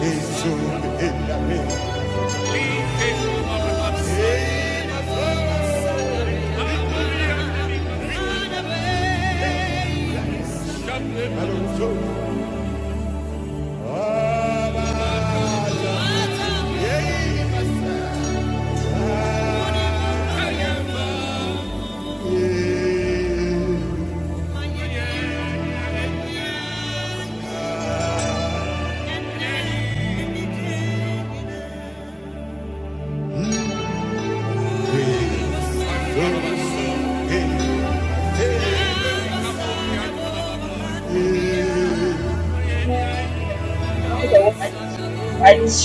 We Yeah. Things I want to write.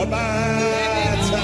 Obata,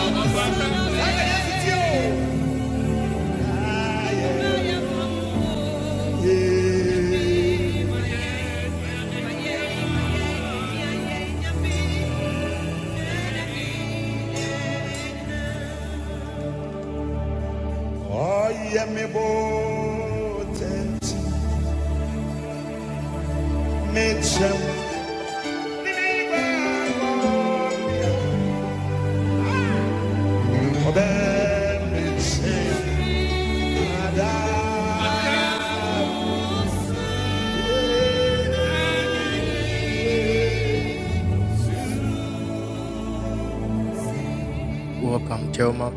Welcome, Jelma.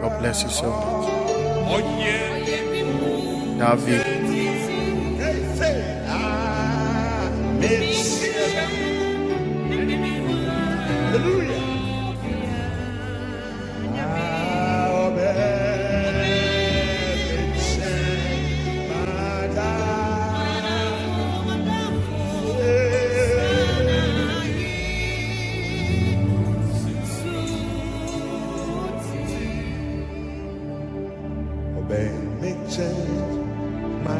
God bless you so much. Davi, ah hallelujah ah obe mechada obe My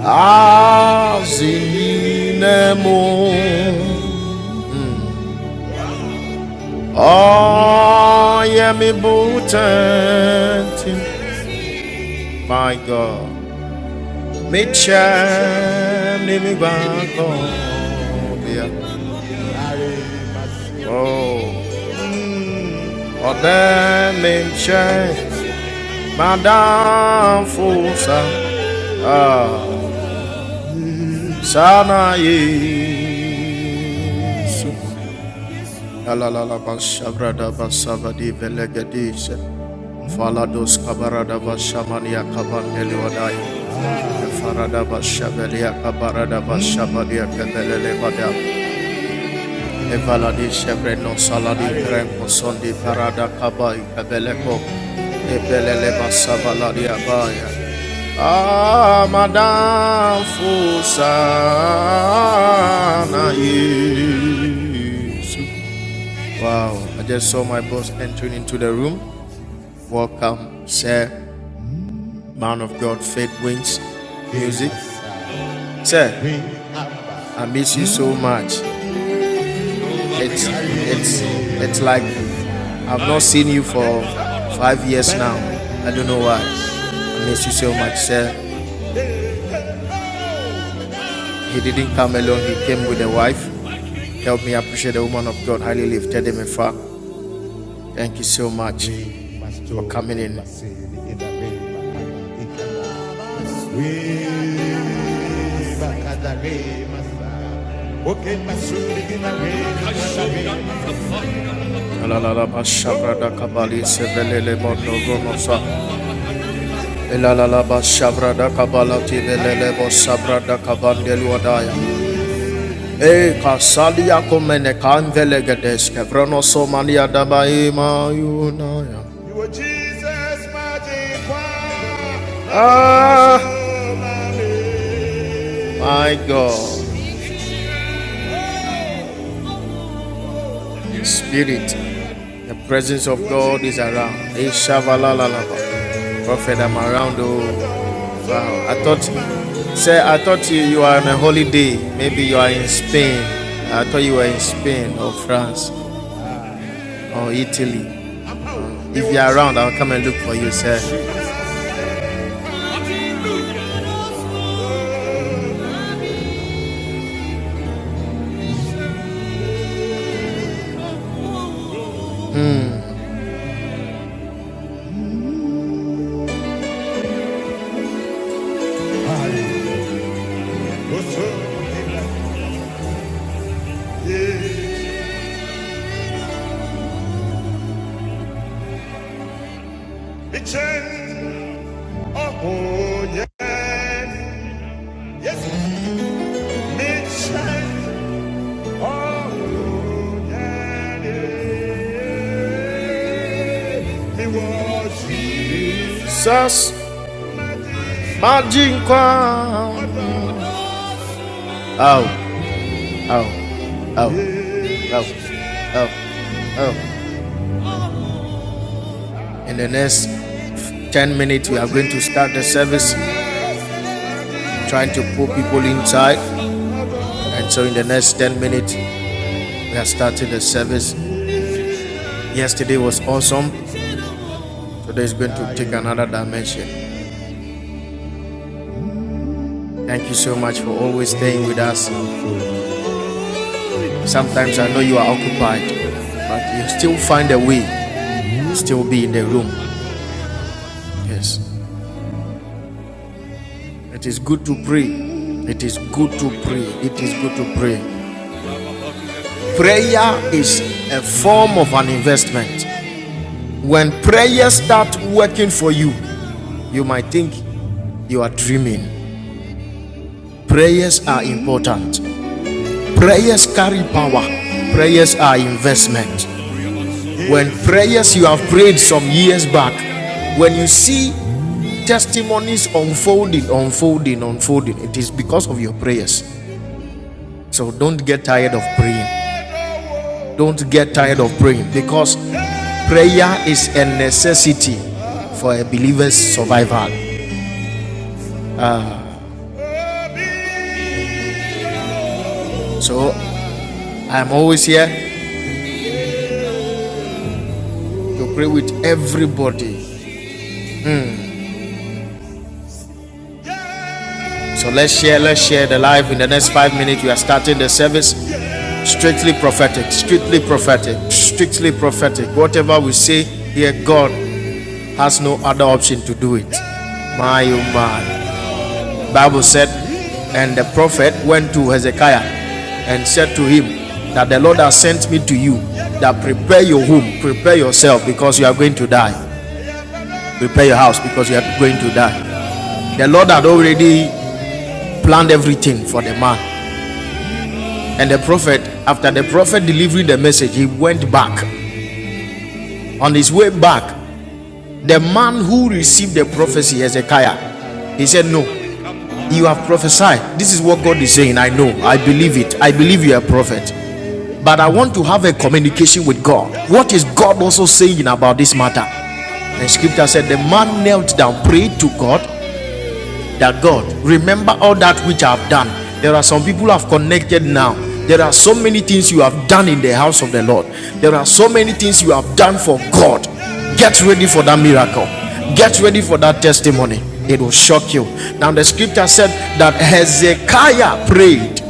Azinemu Oyemi Butantin My God Michem Nimibakobia Oh oh, Odem Michem Madame Fusa Ah Sana Yesu. Alalala bashabrada basabadi velegadis. Falados kabarada bashamania kabandeli wadai. Farada bashabelia kabarada bashabadia kabelele wada. Evaladi shebreno saladi krempo sondi parada kabai kabeleko. Ebelele basabaladia baya. Ah, Madame Fusana, yes. Wow, I just saw my boss entering into the room. Welcome, sir, man of God, faith wins music. Sir, I miss you so much. It's it's it's like I've not seen you for five years now. I don't know why. I miss you so much, sir. He didn't come alone, he came with a wife. Help me appreciate the woman of God highly lifted him far. Thank you so much for coming in. Elalalaba shavrada La sebelele mondo gomosa. Elalalaba shavrada kabala tibelele bo sabrada kabandelu adaya. E kasalia komene kandele gedeske vrano somania dabaima yunaya. You were Jesus' magic wand. Ah, Oh, my God, Spirit, the presence of God is around. E shavalalalaba. Prophet, I'm around. Oh, wow. I thought, say, I thought you, you are on a holiday. Maybe you are in Spain. I thought you were in Spain or France or Italy. If you're around, I'll come and look for you, sir. Jesus, Majin Kwan. Oh, oh, oh, oh, oh, oh. In the next 10 minutes, we are going to start the service, trying to pull people inside. And so, in the next 10 minutes, we are starting the service. Yesterday was awesome. Today is going to take another dimension. Thank you so much for always staying with us. Sometimes I know you are occupied, but you still find a way, still be in the room. Yes. It is good to pray. It is good to pray. It is good to pray. Prayer is a form of an investment. When prayers start working for you, you might think you are dreaming. Prayers are important. Prayers carry power. Prayers are investment. When prayers you have prayed some years back, when you see testimonies unfolding, unfolding, unfolding, it is because of your prayers. So don't get tired of praying. Don't get tired of praying because prayer is a necessity for a believer's survival. So I'm always here to pray with everybody So let's share, let's share the life. In the next five minutes, we are starting the service. Strictly prophetic, strictly prophetic, strictly prophetic. Whatever we say here, God has no other option to do it. My oh my. Bible said, and the prophet went to Hezekiah and said to him that the Lord has sent me to you. That prepare your home, prepare yourself because you are going to die. Prepare your house because you are going to die. The Lord had already planned everything for the man. And the prophet, after the prophet delivering the message, he went back. On his way back, the man who received the prophecy, Hezekiah, he said, No, you have prophesied. This is what God is saying. I know. I believe it. I believe you're a prophet. But I want to have a communication with God. What is God also saying about this matter? And scripture said, The man knelt down, prayed to God, that God, remember all that which I have done. There are some people who have connected now. There are so many things you have done in the house of the Lord. There are so many things you have done for God. Get ready for that miracle. Get ready for that testimony. It will shock you. Now, the scripture said that Hezekiah prayed,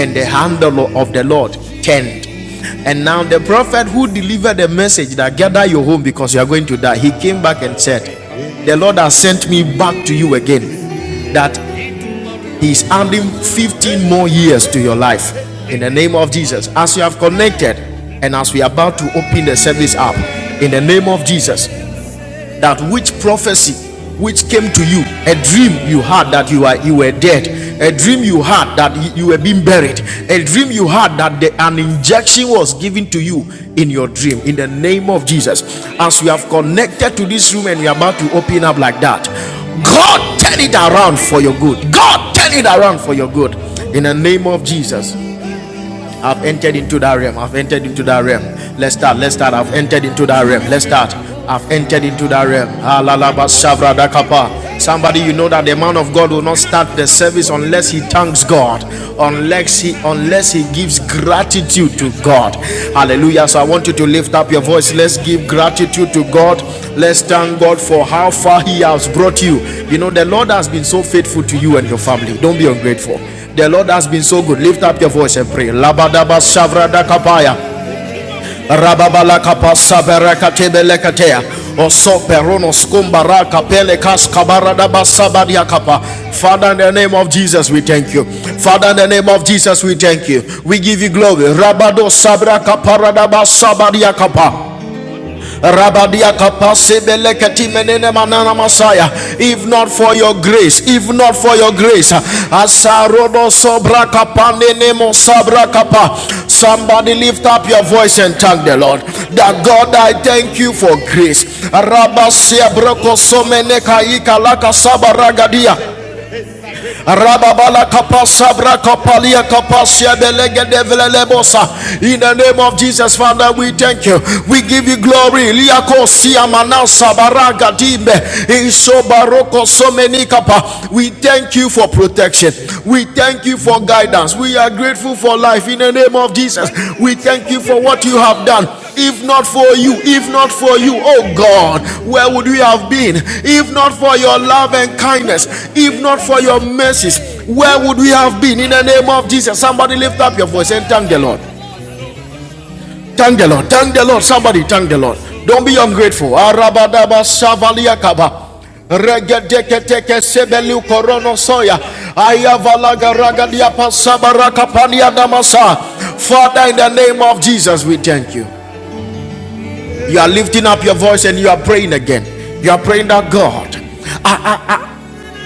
and the handle of the Lord turned and now the prophet who delivered the message that gather your home because you are going to die, he came back and said, The Lord has sent me back to you again. That He is adding 15 more years to your life. In the name of Jesus. As you have connected and as we are about to open the service up, in the name of Jesus, that which prophecy which came to you, a dream you had that you are you were dead, a dream you had that you were being buried, a dream you had that the, an injection was given to you in your dream. In the name of Jesus, as we have connected to this room and we are about to open up like that, God turn it around for your good. God turn it around for your good. In the name of Jesus. I've entered into that realm. I've entered into that realm. Let's start. Let's start. I've entered into that realm. Let's start. I've entered into that realm. Alalaba Somebody, you know that the man of God will not start the service unless he thanks God, unless he unless he gives gratitude to God. Hallelujah. So I want you to lift up your voice. Let's give gratitude to God. Let's thank God for how far He has brought you. You know, the Lord has been so faithful to you and your family. Don't be ungrateful. The Lord has been so good. Lift up your voice and pray. Labadaba shavrada kapaya. Rababala kapa sabereka katea. Oso perono skumbara kapele kas kabaradaba sabadia kapa. Father, in the name of Jesus, we thank you. Father, in the name of Jesus, we thank you. We give you glory. Rabado sabra kaparadaba sabadia kapa. Rabadia kapase beleketi menene manana masaya. If not for your grace, if not for your grace, asarodo sobra kapane nemo sabra kapa. Somebody lift up your voice and thank the Lord. That God, I thank you for grace. Rabasia broko somene kaika laka sabara gadia. Rababala kapasabra kapalia kapasia belege develelebosa. In the name of Jesus, Father, we thank you. We give you glory. Liako siya manasa baraga dimbe. Iso baroko so We thank you for protection. We thank you for guidance. We are grateful for life. In the name of Jesus, we thank you for what you have done. If not for you, if not for you, oh God, where would we have been? If not for your love and kindness, if not for your mercies, where would we have been? In the name of Jesus, somebody lift up your voice and thank the Lord. Thank the Lord. Thank the Lord. Somebody thank the Lord. Don't be ungrateful. Arabadaba shavaliakaba. Regedeketeke sebelu korono soya. Ayavalaga ragadiapa sabaraka paniadamasa. Father, in the name of Jesus, we thank you. You are lifting up your voice and you are praying again. You are praying that God,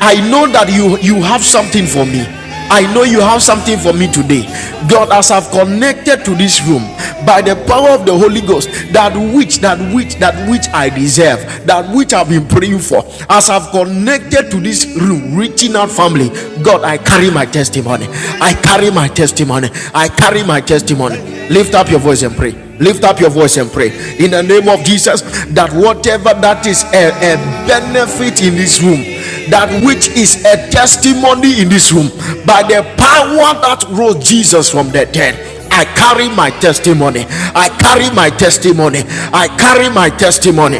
I know that you you have something for me. I know you have something for me today. God, as I've connected to this room by the power of the Holy Ghost, that which, that which, that which I deserve, that which I've been praying for, as I've connected to this room, reaching out family, God, I carry my testimony. I carry my testimony. I carry my testimony. Lift up your voice and pray. Lift up your voice and pray in the name of Jesus that whatever that is a, a benefit in this room that which is a testimony in this room by the power that rose Jesus from the dead. I carry my testimony. I carry my testimony. I carry my testimony.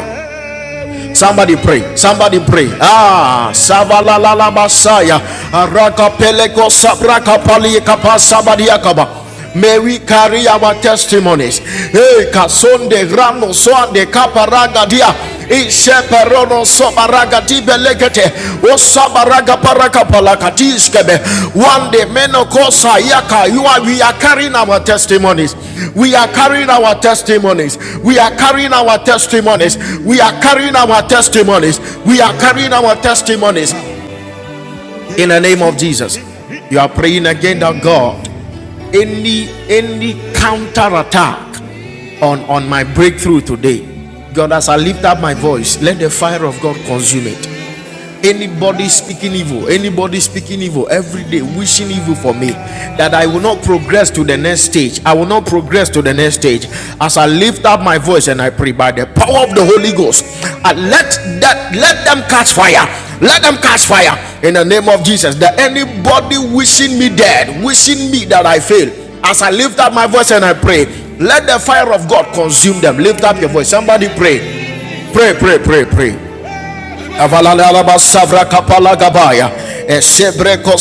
Somebody pray. Somebody pray. Ah, Savalala Masaya. Araka Peleko Sabraka Paliekapa Sabadiakaba. May we carry our testimonies. Hey, Kasonde Rano Soande Kaparaga Dia. Isheperono Sobaraga tibelegete osabaraga paraka palakatiskebe one day you are we are carrying our testimonies we are carrying our testimonies we are carrying our testimonies we are carrying our testimonies we are carrying our testimonies in the name of jesus you are praying again that god any any counterattack on on my breakthrough today god as i lift up my voice let the fire of god consume it Anybody speaking evil, anybody speaking evil every day, wishing evil for me, that I will not progress to the next stage. I will not progress to the next stage. As I lift up my voice and I pray by the power of the Holy Ghost, I let that let them catch fire. Let them catch fire in the name of Jesus. That anybody wishing me dead, wishing me that I fail, as I lift up my voice and I pray, let the fire of God consume them. Lift up your voice. Somebody pray. Pray, pray, pray, pray. Avalalaba savra kapala gabaya. Esebreko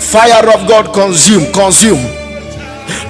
Fire of God consume, consume.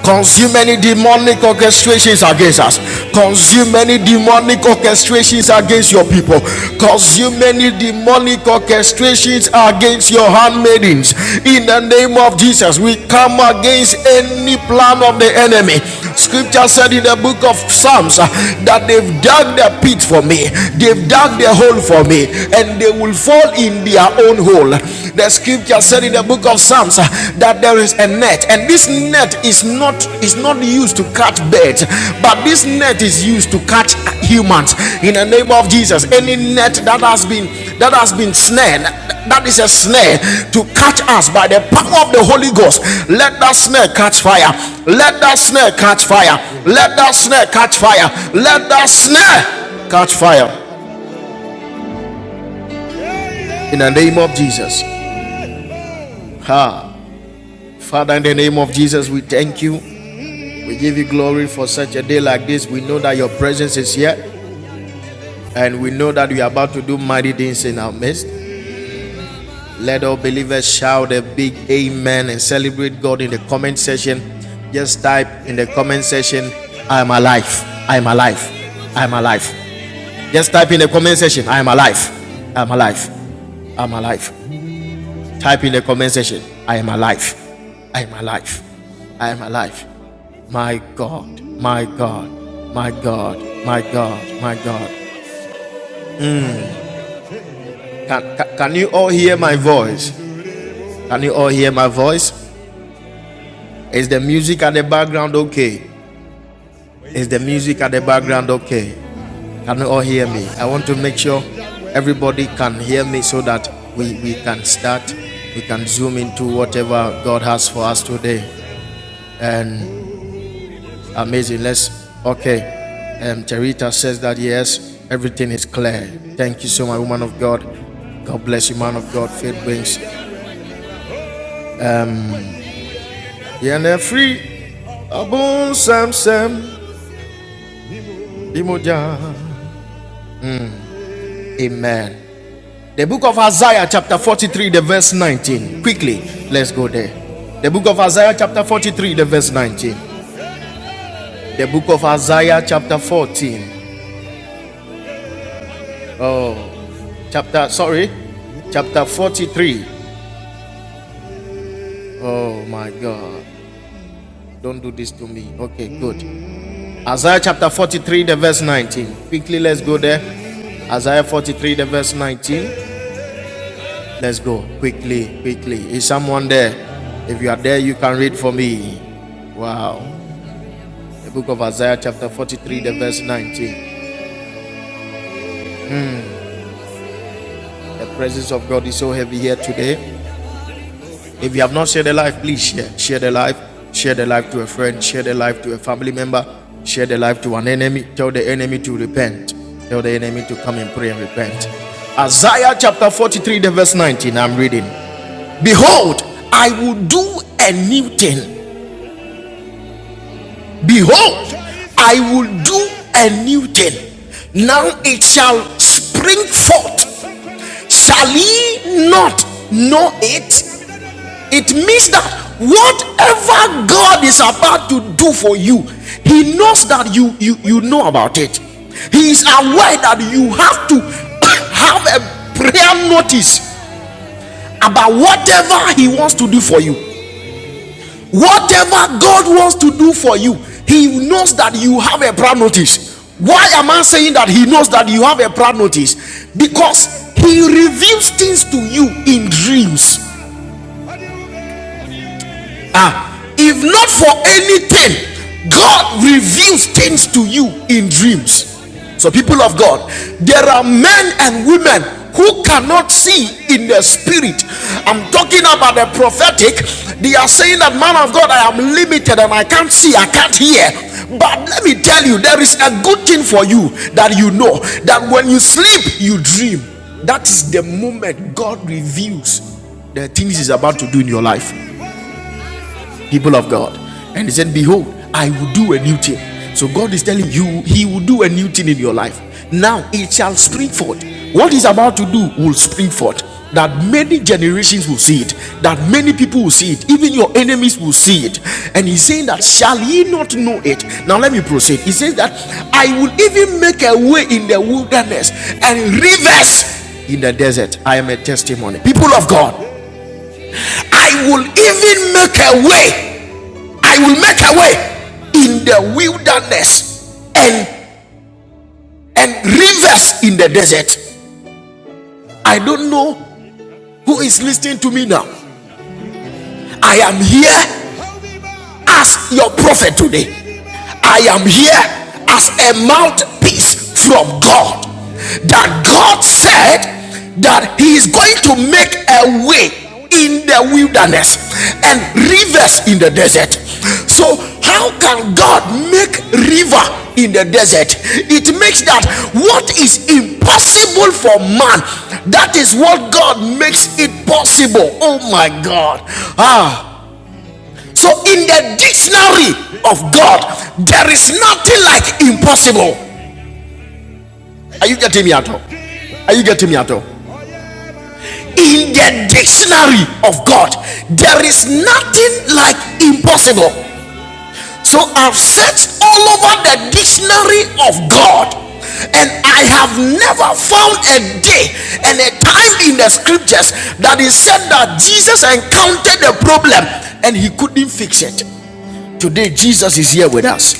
Consume any demonic orchestrations against us. Consume any demonic orchestrations against your people. Consume any demonic orchestrations against your handmaidens. In the name of Jesus, we come against any plan of the enemy. Scripture said in the book of Psalms uh, that they've dug their pit for me, they've dug their hole for me, and they will fall in their own hole. The scripture said in the book of psalms uh, that there is a net and this net is not is not used to catch birds but this net is used to catch humans in the name of jesus any net that has been that has been snared that is a snare to catch us by the power of the holy ghost let that snare catch fire let that snare catch fire let that snare catch fire let that snare catch fire in the name of jesus ha Father, in the name of Jesus, we thank you. We give you glory for such a day like this. We know that your presence is here, and we know that you are about to do mighty things in our midst. Let all believers shout a big amen and celebrate God in the comment section. Just type in the comment section, I am alive. I am alive. I am alive. Just type in the comment section, I am alive. I am alive. I am alive. Type in the comment section, I am alive. I am alive. I am alive. My God, my God, my God, my God, my God. Can, can, can you all hear my voice? Can you all hear my voice? Is the music at the background okay? Is the music at the background okay? Can you all hear me? I want to make sure everybody can hear me so that we, we can start, we can zoom into whatever God has for us today. And Amazing. Let's, okay. Um, Terita says that yes, everything is clear. Thank you so much, woman of God. God bless you, man of God. Faith brings. Yene free. Abun sam sam. Imoja. Amen. The book of Isaiah, chapter 43, the verse 19. Quickly, let's go there. The book of Isaiah, chapter 43, the verse 19. The book of Isaiah, chapter 14. Oh, chapter, sorry, chapter 43. Oh my God. Don't do this to me. Okay, good. Isaiah chapter 43, the verse 19. Quickly, let's go there. Isaiah 43, the verse 19. Let's go. Quickly, quickly. Is someone there? If you are there, you can read for me. Wow. The book of Isaiah chapter 43, the verse 19. The presence of God is so heavy here today. If you have not shared the life, please share. Share the life. Share the life to a friend. Share the life to a family member. Share the life to an enemy. Tell the enemy to repent. Tell the enemy to come and pray and repent. Isaiah chapter 43, the verse 19. I'm reading. Behold, I will do a new thing. Behold, I will do a new thing. Now it shall spring forth. Shall ye not know it? It means that whatever God is about to do for you, He knows that you you you know about it. He is aware that you have to have a prayer notice about whatever He wants to do for you. Whatever God wants to do for you, He knows that you have a prayer notice. Why am I saying that He knows that you have a prayer notice? Because He reveals things to you in dreams. Ah, if not for anything, God reveals things to you in dreams. So, people of God, there are men and women who cannot see in the spirit. I'm talking about the prophetic. They are saying that, man of God, I am limited and I can't see, I can't hear. But let me tell you, there is a good thing for you that you know that when you sleep, you dream. That is the moment God reveals the things He's about to do in your life people of God. And he said, Behold, I will do a new thing. So God is telling you, He will do a new thing in your life. Now it shall spring forth. What He's about to do will spring forth. That many generations will see it, that many people will see it, even your enemies will see it. And he's saying that, Shall ye not know it? Now let me proceed. He says that I will even make a way in the wilderness and rivers in the desert. I am a testimony. People of God, I will even make a way I will make a way in the wilderness and and rivers in the desert. I don't know who is listening to me now. I am here Ask your prophet today. I am here as a mouthpiece from God. That God said that He is going to make a way in the wilderness and rivers in the desert. So, how can God make river in the desert? It makes that what is impossible for man, that is what God makes it possible. Oh my God. Ah, so, in the dictionary of God, there is nothing like impossible. Are you getting me at all? Are you getting me at all? In the dictionary of God, there is nothing like impossible. So, I've searched all over the dictionary of God, and I have never found a day and a time in the scriptures that is said that Jesus encountered a problem and he couldn't fix it. Today, Jesus is here with us.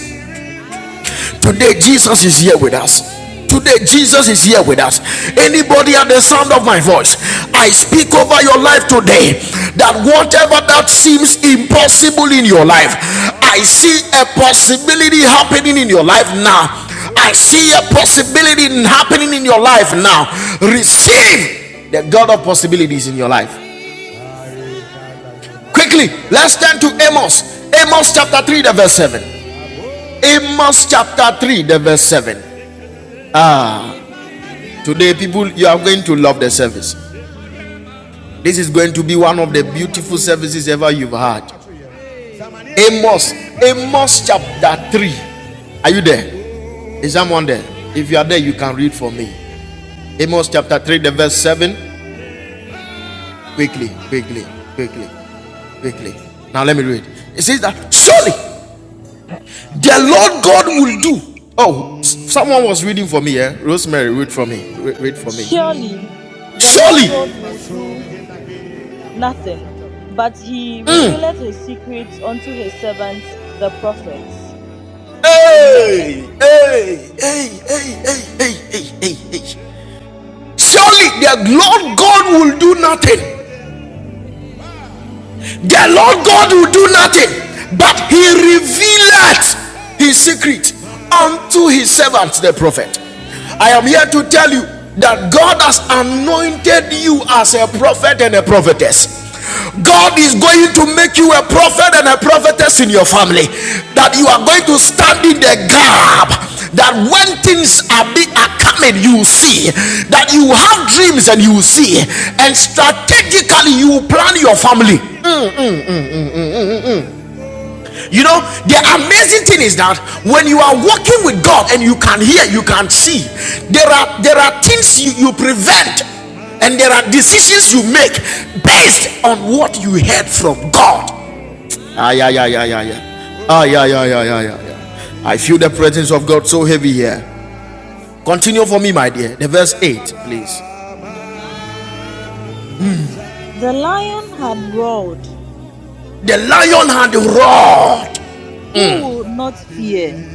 Today, Jesus is here with us. Today, Jesus is here with us. Anybody at the sound of my voice, I speak over your life today that whatever that seems impossible in your life, I see a possibility happening in your life now. I see a possibility happening in your life now. Receive the God of possibilities in your life. Quickly, let's turn to Amos. Amos chapter 3, the verse 7. Amos chapter 3, the verse 7. Today, people, you are going to love the service. This is going to be one of the beautiful services ever you've had. Amos, Amos chapter 3. Are you there? Is someone there? If you are there, you can read for me. Amos chapter 3, the verse 7. Quickly, quickly, quickly, quickly. Now let me read. It says that surely the Lord God will do. Oh, someone was reading for me, eh? Rosemary, read for me. read for me. Surely the Lord Surely God will do nothing, but he revealeth his secrets unto his servants the prophets. Amen. Hey, hey, hey, hey, hey, hey, hey, hey, hey. Surely their Lord God will do nothing the Lord God will do nothing, but he revealeth his secret unto his servants, the prophet. I am here to tell you that God has anointed you as a prophet and a prophetess. God is going to make you a prophet and a prophetess in your family. That you are going to stand in the gap. That when things are, be, are coming, you will see. That you have dreams and you will see. And strategically, you plan your family. You know, the amazing thing is that when you are walking with God and you can hear, you can see, there are there are things you, you prevent and there are decisions you make based on what you heard from God. Ah yeah yeah yeah yeah yeah. Ah yeah yeah yeah yeah yeah yeah. I feel the presence of God so heavy here. Continue for me, my dear. The verse 8, please. The lion had roared, The lion had roared who will not fear?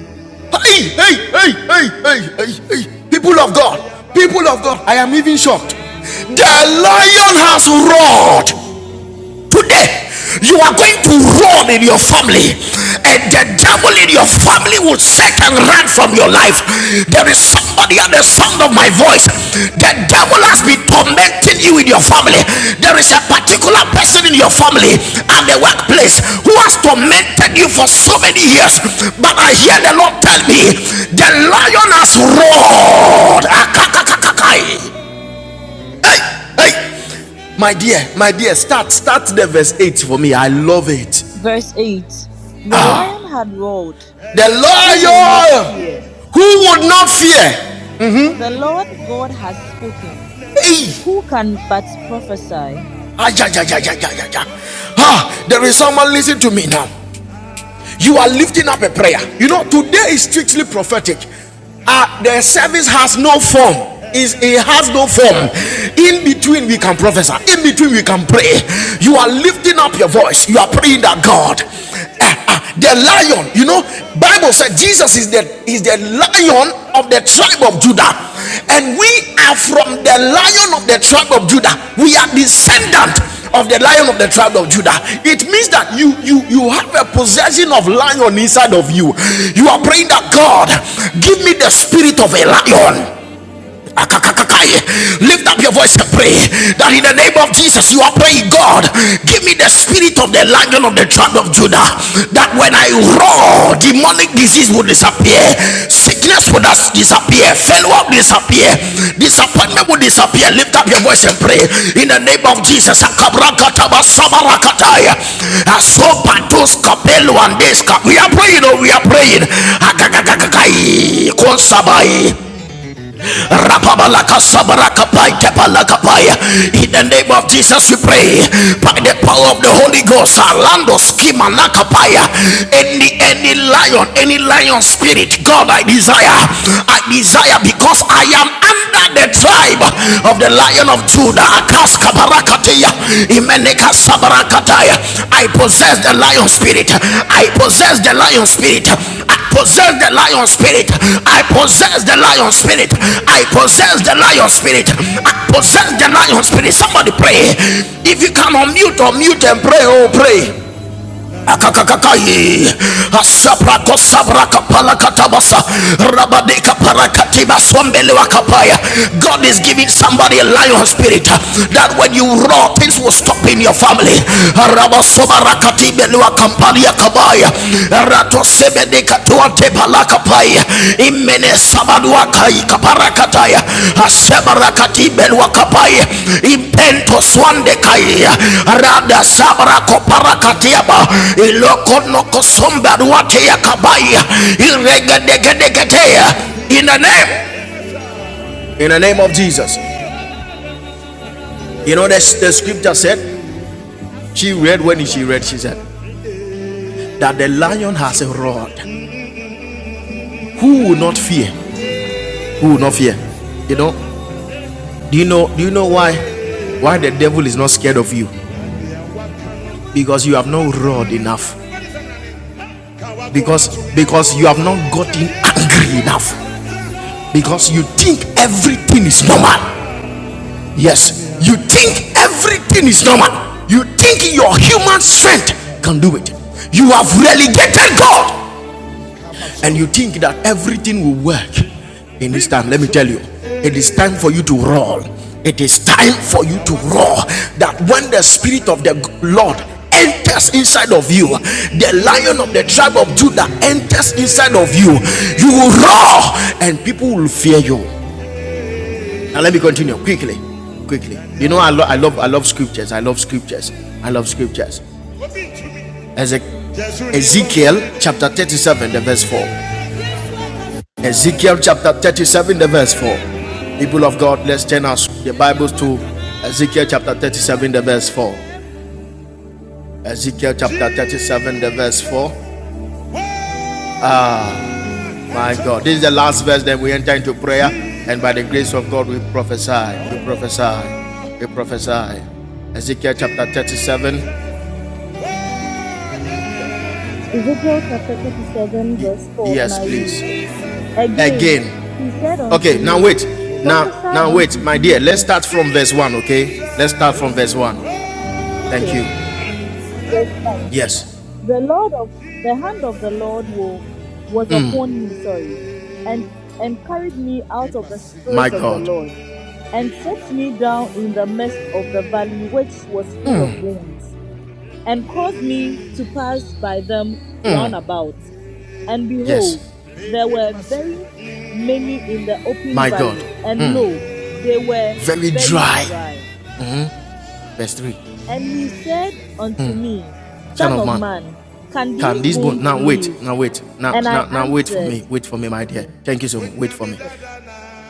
Hey, hey, hey, hey, hey, hey, hey. People of God, people of God, I am even shocked. The lion has roared. Today, you are going to run in your family, and the devil in your family will set and run from your life. There is somebody at the sound of my voice. The devil has been tormenting you in your family. There is a particular person in your family and the workplace who has tormented you for so many years. But I hear the Lord tell me the lion has roared. Hey, my dear, my dear, start, start the verse 8 for me. I love it. Verse 8 The lion had roared, The who will not lawyer fear? who would not fear. The Lord God has spoken, Hey, who can but prophesy? ah, ja, ja, ja, ja, ja, ja, ja. Ah, there is someone listening to me now. you are lifting up a prayer. You know, today is strictly prophetic. Uh, the service has no form. Is it has no form. In between, we can prophesy. In between, we can pray. You are lifting up your voice. You are praying that God. eh, ah, the lion, you know, Bible said Jesus is the is the lion of the tribe of Judah, and we are from the lion of the tribe of Judah. We are descendant of the lion of the tribe of Judah. It means that you you you have a possession of lion inside of you. You are praying that God give me the spirit of a lion. Lift up your voice and pray that in the name of Jesus you are praying, God, give me the spirit of the lion of the tribe of Judah. That when I roar, demonic disease will disappear, sickness will disappear, failure will disappear, disappointment will disappear. Lift up your voice and pray in the name of Jesus. We are praying, oh, we are praying. Rapabalakasabarakapaikepalakapaya. In the name of Jesus, we pray by the power of the Holy Ghost. Alando skimanakapaya. Any any lion, any lion spirit, God, I desire, I desire because I am under under the tribe of the lion of Judah. Akas kabarakateya, imeneka sabarakataya. I possess the lion spirit. I possess the lion spirit. I possess the lion spirit. I possess the lion spirit. I possess the lion spirit. I possess the lion spirit. Somebody pray. If you can unmute or mute and pray, Karabala oh pray Shandesi, Karabala Balabala akakakakai Shandesi, Karaba, asabrako sabraka Leba palakatabasa Karabala rabadeka Shandesi, parakatiba Kayaba, swampelewa kapaya Lebala god is giving Shandesi, somebody a Karaba, lion spirit Leba uh, that when you Sukayabala roar things will stop Shandesi, in your Karaba, family Lebala Shandesi, rabasobarakatibelewa Karaba, kampania kabaya Leba Sukarabala ratosebedeka Shandesi, tepalakapai Kayaba, Le imene Karaba, sabaduakai Lebala kaparakataya Shandesi, Karabala Shandesi, asebarakatiben Karaba, wakapai impento Lebasu swande kai Karabalashan, the rada Zikayabalashan, the Desi kayabalashan deresi sabrakoparakatiaba Karaba, Le Karabalashan, the ilokonokosombadwateyakabai Zibalaba, Lebasu iregedegedegeteya Karabalashan, the in the Zikayaba, name Le Karaba, in the name of Lebalashan, jesus the Jesus' name, you Amen. know the, the scripture said she read when she read she said that the lion has a rod who will not fear who will not fear you know Do you know do you know why why the devil is not scared of you? Because you have not roared enough. Because because you have not gotten angry enough. Because you think everything is normal. Yes, you think everything is normal. You think your human strength can do it. You have relegated God and you think that everything will work in this time, let me tell you, it is time for you to roar. It is time for you to roar. That when the Spirit of the Lord enters inside of you, the lion of the tribe of Judah enters inside of you, you will roar and people will fear you. Now, let me continue quickly. Quickly, you know, I, lo- I love I love scriptures. I love scriptures. I love scriptures. Ezek- Ezekiel chapter 37, the verse 4. Ezekiel chapter 37, the verse 4. People of God, let's turn us the Bibles to Ezekiel chapter 37, the verse 4. Ezekiel chapter 37, the verse 4. My God, this is the last verse, then we enter into prayer, and by the grace of God, we prophesy. We prophesy. We prophesy. Ezekiel chapter 37. Ezekiel chapter 37, verse 4, and Yes, I read. please. Again, Again. he said unto Okay, now me, wait. Now, Prophesy now wait, unto my dear. these Let's start bones. from verse 1, okay? Let's start from verse 1. Thank Okay, you. verse 1. Yes, The Lord of the hand of the Lord will, was upon me, sorry, and, and carried me out of the my spirit of the God. Lord, and set me down in the midst of the valley which was full of bones. and caused me to pass by them round about. And behold, Yes, there were very many in the open my God, valley, and lo, they were very very dry. dry. Verse 3. And he said unto me, Son Son of of man, man, can can these this bone bones now wait, live? now wait, now And I now now wait for answered, me, wait for me, my dear. Okay. Thank you so much. Wait for me.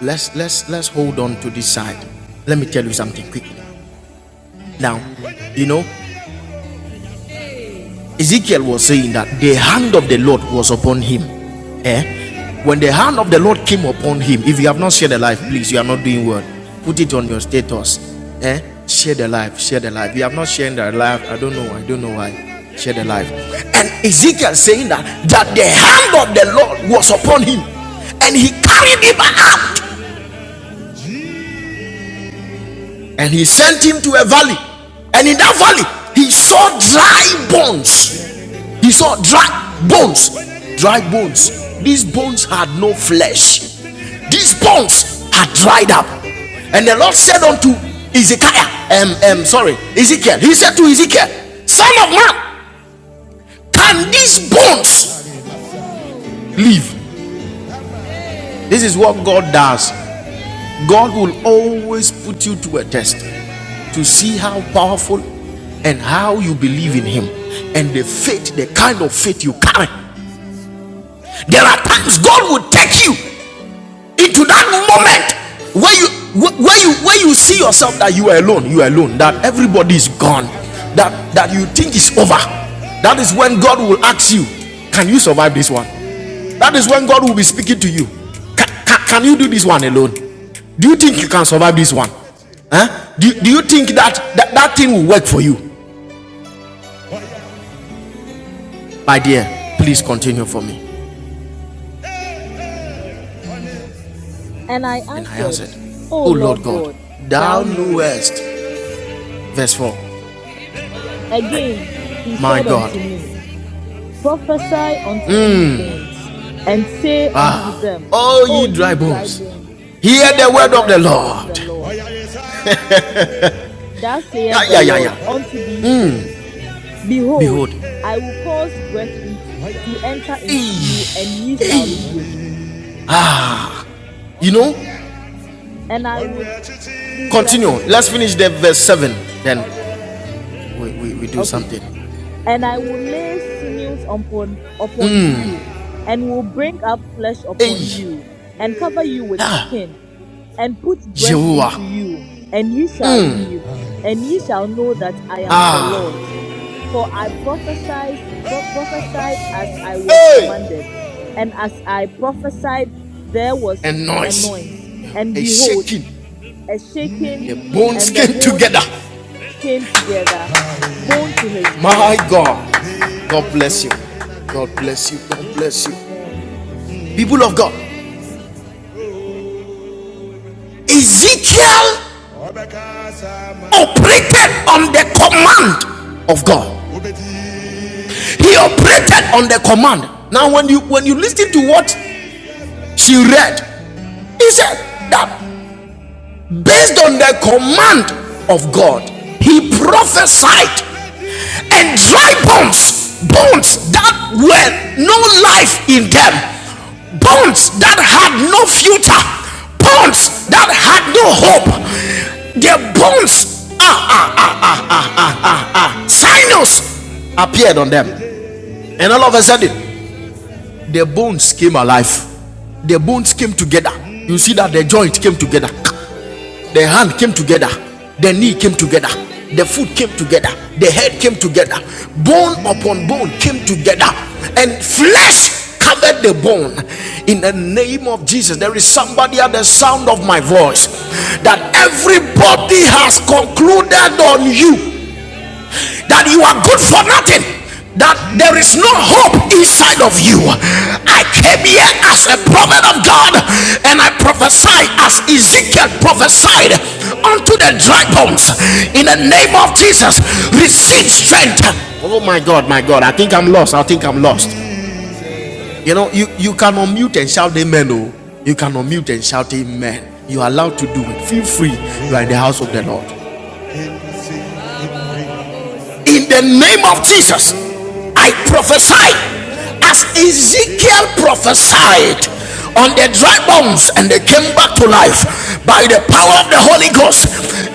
Let's let's let's hold on to this side. Let me tell you something quick. Now, you know, Ezekiel was saying that the hand of the Lord was upon him. Eh? When the hand of the Lord came upon him, if you have not shared the life, please, you are not doing well. Put it on your status. Eh? Share the life, share the life. If you have not shared the life, I don't know, I don't know why. Share the life. And Ezekiel saying that that the hand of the Lord was upon him, and he carried him up and he sent him to a valley and in that valley he saw dry bones he saw dry bones dry bones these bones had no flesh these bones had dried up and the lord said unto ezekiah um, um, sorry ezekiel he said to ezekiel son of man can these bones live this is what god does God will always put you to a test to see how powerful and how you believe in Him and the faith, the kind of faith you carry. There are times God will take you into that moment where you where you where you see yourself that you are alone you are alone that everybody is gone that that you think is over that is when god will ask you can you survive this one that is when god will be speaking to you can, can, can you do this one alone do you think you can survive this one huh? do, do you think that, that that thing will work for you my dear please continue for me And I and i answered, answered O oh lord Lord god God, thou thou knowest. knewest verse 4 Again he my said god unto me, Prophesy unto these bones, and say unto them, all O ye dry ye dry bones, bones, hear hear the the word of the word of the Lord. Lord. Thus saith Yeah, the yeah, yeah, Lord yeah. unto these bones, Behold, Behold, I will cause breath into, to enter into you, Hey, and ye shall hey. live. you know, And I will. Please, should I continue. Let's continue? finish the verse 7. Then we, we, we do Okay, please. something. And I will lay sinews upon upon you, and will bring up flesh upon Hey, you, and cover you with ah, skin, and put breath into Jehovah, you, and ye shall live, and ye shall know that I am the ah, Lord. For I prophesied, pro- prophesied as I was hey, commanded, and as I prophesied, there a was a noise, noise, and a behold, shaking. a shaking, The bones and the came bone together. came together, bone to his bone. My God, God bless you. God bless you. God bless you. People of God, Ezekiel operated on the command of God. He operated on the command. Now, when you when you listen to what she read, he said that Based on the command of God, he prophesied, and dry bones, bones that were no life in them, bones that had no future, bones that had no hope, their bones, ah, ah, ah, ah, ah, ah, ah, sinus appeared on them. And all of a sudden, their bones came alive. Their bones came together. You see that their joint came together the hand came together, the knee came together, the foot came together, the head came together, bone upon bone came together, and flesh covered the bone. In the name of Jesus, there is somebody at the sound of my voice that everybody has concluded on you that you are good for nothing that there is no hope inside of you i came here as a prophet of god and i prophesied as ezekiel prophesied unto the dry bones in the name of jesus receive strength Oh my God, my God. I think I'm lost. I think I'm lost. You know, you, you can unmute and shout amen. Oh, you can unmute and shout amen. You are allowed to do it. Feel free. You are in the house of the Lord. in the name of Jesus, I prophesy as Ezekiel prophesied on the dry bones and they came back to life by the power of the Holy Ghost.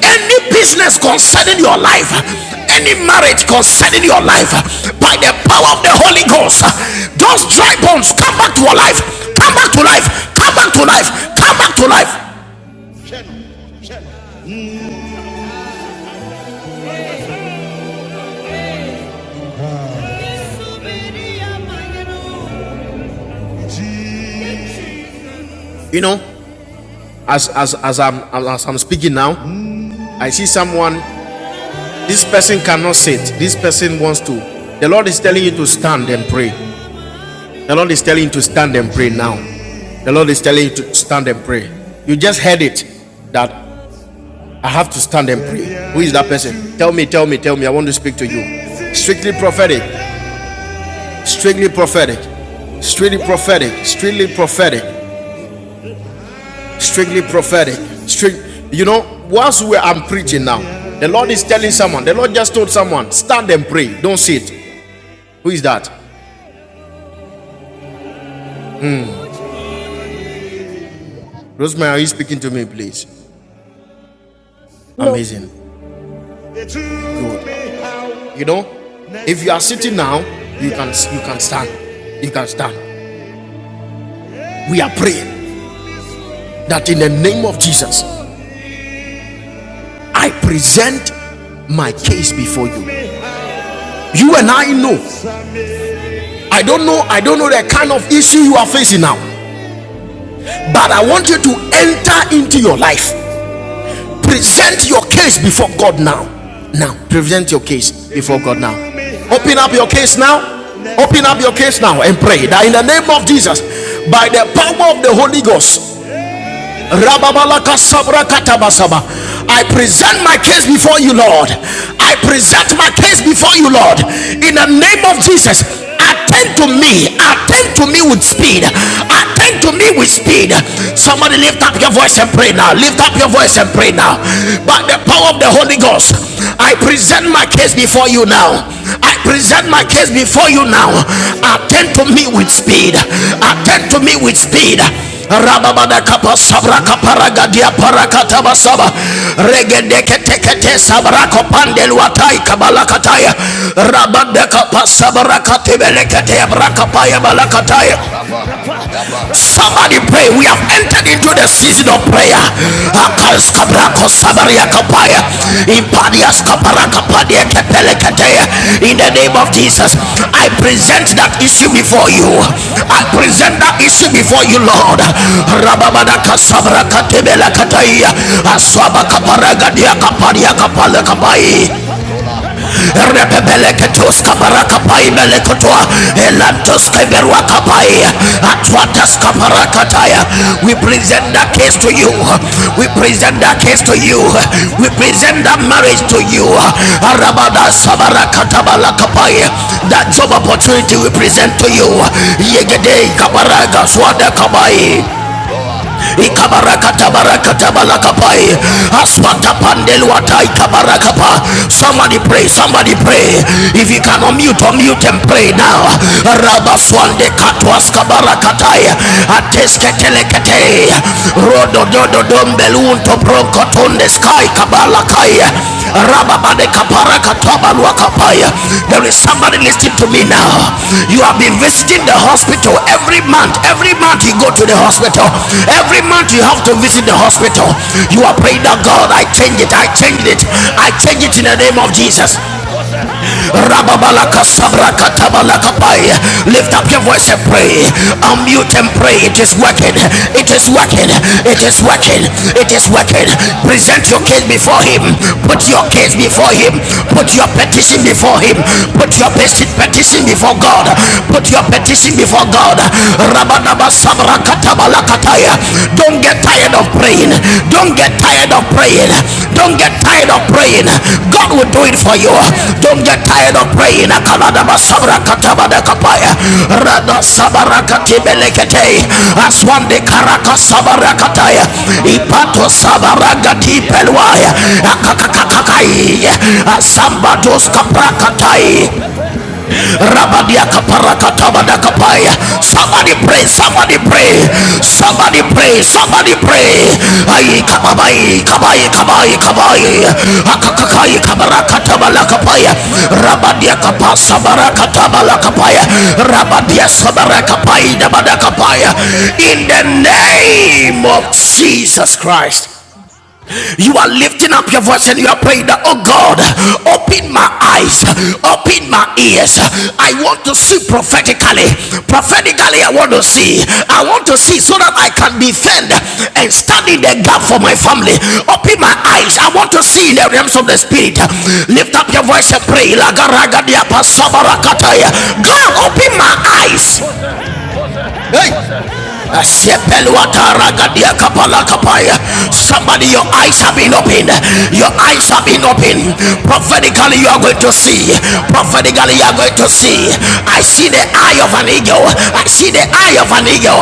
Any business concerning your life, any marriage concerning your life, by the power of the Holy Ghost, those dry bones come back to your life, come back to life, come back to life, come back to life. You know, as as as I'm as I'm speaking now, I see someone This person cannot sit. This person wants to. The Lord is telling you to stand and pray. The Lord is telling you to stand and pray now. The Lord is telling you to stand and pray. You just heard it that I have to stand and pray. Who is that person? Tell me, tell me, tell me. I want to speak to you. Strictly prophetic. Strictly prophetic. Strictly prophetic. Strictly prophetic. Strictly prophetic. Strict. You know, whilst we I'm preaching now, the Lord is telling someone. The Lord just told someone, stand and pray. Don't sit. Who is that? Rosemary, are you speaking to me, please? No, Amazing. please. Good. You know, if you are sitting now, you can you can stand. You can stand. We are praying that in the name of Jesus, I present my case before you. You and I know. I don't know. I don't know the kind of issue you are facing now, but I want you to enter into your life present your case before God now. Now, present your case before God now. Open up your case now. Open up your case now and pray that in the name of Jesus, by the power of the Holy Ghost, I present my case before you, Lord. I present my case before you, Lord. In the name of Jesus, attend to me. Attend to me with speed. Attend to me with speed. Somebody lift up your voice and pray now. Lift up your voice and pray now. By the power of the Holy Ghost, I present my case before you now. I present my case before you now. Attend to me with speed. Attend to me with speed rababada kapa sabra kapara gadia para kataba saba regede kete kete sabra kopande luatai kabala kataya rabade kapa sabra katibele kete kapaya balakataya Somebody pray. We have entered into the season of prayer. In the name of Jesus, I present that issue before you. I present that issue before you, Lord. Rababada rebebeleketos kabarakapai melekotoa elantos keberuakapai atwatas kabarakataya we present that case to you we present that case to you we present that marriage to you arabada sabarakatabalakapai that job opportunity we present to you yegede kabaraga swada kabai Ikabarakatabarakatabalakapai. Aswatapandeluataikabarakapa. Somebody pray, somebody pray. If you can unmute, unmute and pray now. Rabaswande katwas kabarakatai ateske telekete rodo katwaskabarakatai. Atesketelekete. Rododododombelunto bronkotondeska kai kabala kai rababade kapara katoba lua There is somebody listening to me now. You have been visiting the hospital every month. Every month you go to the hospital. Every month you have to visit the hospital. You are praying that God, I change it. I change it. I change it in the name of Jesus. Rababalaka sabrakatabalakai. Lift up your voice and pray. Unmute and pray. It is working. It is working. It is working. It is working. Present your case before him. Put your case Thank before him. Put your petition before him. Put your peti- petition before God. Put your petition before God. Rabadaba sabrakatabalakai. Don't get tired of praying. Don't get tired of praying. Don't get tired of praying. God will do it for you. Don't get tired of praying. Aswande karaka sabara Ipato sabara gatipelwaya. Akakakakakai. Asambados kapra Somebody pray, somebody pray, somebody pray, somebody pray. Ay kabai, kabai, kabai, kabai. Akakakai kabarakatabala kapaya. Rabadia kapasa barakatabala kapaya. Rabadia sabarakapai dabada kapaya. In the name of Jesus Christ. You are lifting up your voice and you are praying that, oh God, open my eyes, open my ears. I want to see prophetically. Prophetically, I want to see. I want to see so that I can defend and stand in the gap for my family. Open my eyes. I want to see in the realms of the spirit. Lift up your voice and pray. God, open my eyes. Hey! Somebody, Lebasu your eyes have been Karabalashan, opened. the Your eyes have been Zikayabalashan, opened. the Prophetically, you are going Zikarabalashan, to the see. Zikarabalashan, Prophetically, you are going to see. I see the Le eye of an eagle. I see the eye of an eagle.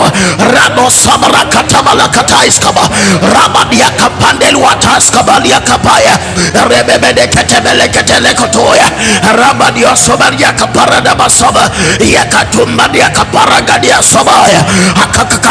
Rabo sabra katabala katais kaba. Rabadia kapandel Eluatas kabalia kapaya rebebede ketebele ketele kotoya rabadio sobaria kaparada basova yakatumbadia kaparagadia sobaya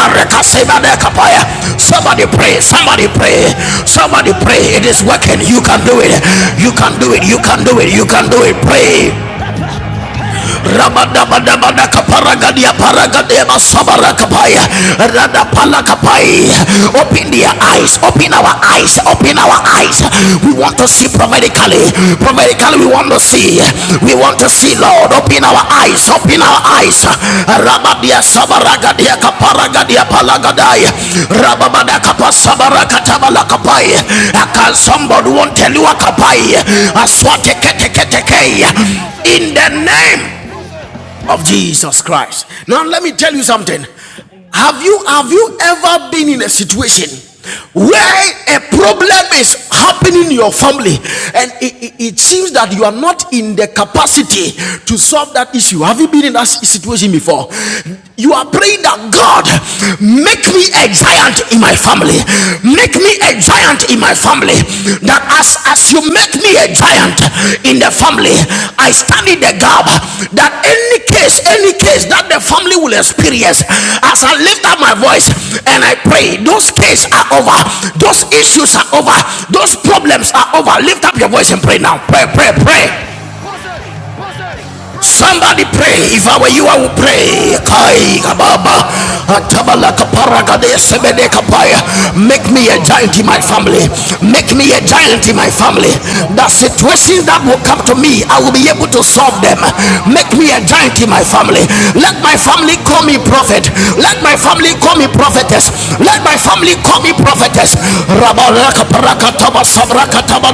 Le kasebade karabala bala kapaya somebody pray somebody pray somebody pray it is working you can do it you can do it you can do it you can do it pray shandere desi karaba. Rabadabadabada Lebasura kaparagadia balashante, paragadia zikaya masabara balashante, kapaya. lekara bala Radapala bala kapai. balashante, Open their eyes. Open our eyes. lekara Open our bala eyes. balashante, We want to see zikara bala, prophetically. Prophetically, we want to see. We lebasukaya want to see, balashante, Lord. Open our eyes. Open our lekara eyes. balashante, Rabadia zibala bala sabaragadia balashante, kaparagadia zikara bala, palagadaya. Rababada kapasabara lebasukashante, katabala kapai. zikaya bala Can somebody want to balashante, tell you a zikara bala, kapai? Aswate kete lebasukaya kete kei. balashante, In zikaya the bala, name of lebalashante, Jesus Christ. Now Jesus let me Christ. tell you something. Amen. Have you have you ever been in a situation where a problem is happening in your family and it, it- it seems that you are not in the capacity to solve that issue? Have you been in that situation before? You are praying that God make me a giant in my family. Make me a giant in my family. That as as you make me a giant in the family, I stand in the gap that any case, any case that the family will experience, as I lift up my voice and I pray, those cases are over, those issues are over, those problems are over. Lift up your voice and pray now. Pray, pray, pray. Somebody pray. If I were you, I would pray. Father, Zikaraba, Make me Manini, a Jesus, giant in my family. Lekala, Shandere, Make me a giant in my Zikayabanaba, family. The Lebalabala, situations that will Shandere, come to me, I will Zikarabaha, be able Leba, to solve them. Sukarabala, Shandere, Make me a giant in Manini, my mighty family. name of Let Jesus, my family call me Lekarabala, prophet. Shandere, Let my Zibalabaha, family call me prophetess. Lekarabalabala, Let my family Shandere, call me prophetess. Zikayabalabala, Shandere, Rabaraka paraka Zikayabalaba, taba sabraka Leba, taba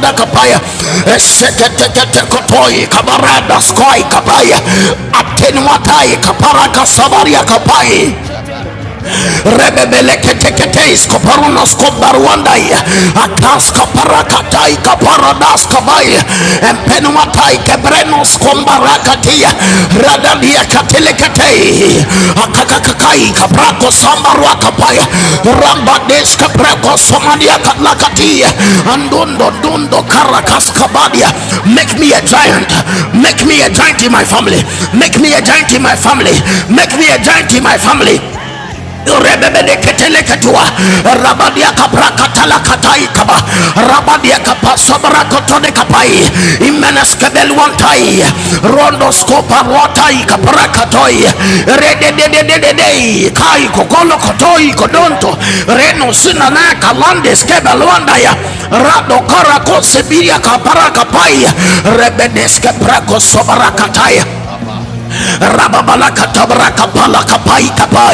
you. Sukayabala, Shandere, and my friends Zikayabala, call me Shandere, for the kabarada take me skoi Lekarabalabala, time. kabaya. Shandere, And my friends Zikarabaha, do the things Atenuatai Lebalaba, kaparaka I like to sabaria do. kapai lebasukayabala shandebala, lekarabalabalaba, They might send up lekarabala another, shanderezi karabaha, They might send up lebasukayabala another, another, another, shanderezi another, another, karabalaba, They might send up another, They might send up lekarabalabalaba shandezi karabaha, another, lebasukayabala shandezi kayabaha, lekaraba, lebalaba, lebalaba, lebalabalaba shanderezi karabaha, They lebasukayabala might make send up me a shandezi another, giant kayabala make me a shanderezi giant in my karabaha. family Le They make might me a send balabala giant in my shande de family de make me a karabaha. Le giant in my basu family karabala shande. Le balabala balabala shande de Thank de kaya Rabadia Capra balabala Catala shande de de Cataicaba, karabaha. Le Rabadia basu Capa kaya Sabra bala Cotone shande de Capai, kaya bala Imenas shande de Cabel de le Wantai, balabaha. Le balabala Rondoscopa bala shande Watai de Capra de Catoi, karabaha. Le basu Rede de kaya bala shande Day, de kai kaya rebebeleketeleketwa bala shande de de rabadiakabrakatalakataikaba le rabadiakapasabrakotonekapai imeneskebelwantai rondoskoparotaikabrakatoi rededededededei kaikogolokotoikodonto balabaha. Le balabala bala shande de de renosinanakalandeskebelwandaya karabala bala bala shande de de karabaha. Le radokarakosebiliakaparakapai basu kaya bala shande Le karabala bala rebedeskebrakosovrakataya bala shande le kaya baha. Le karabala bala bala shande.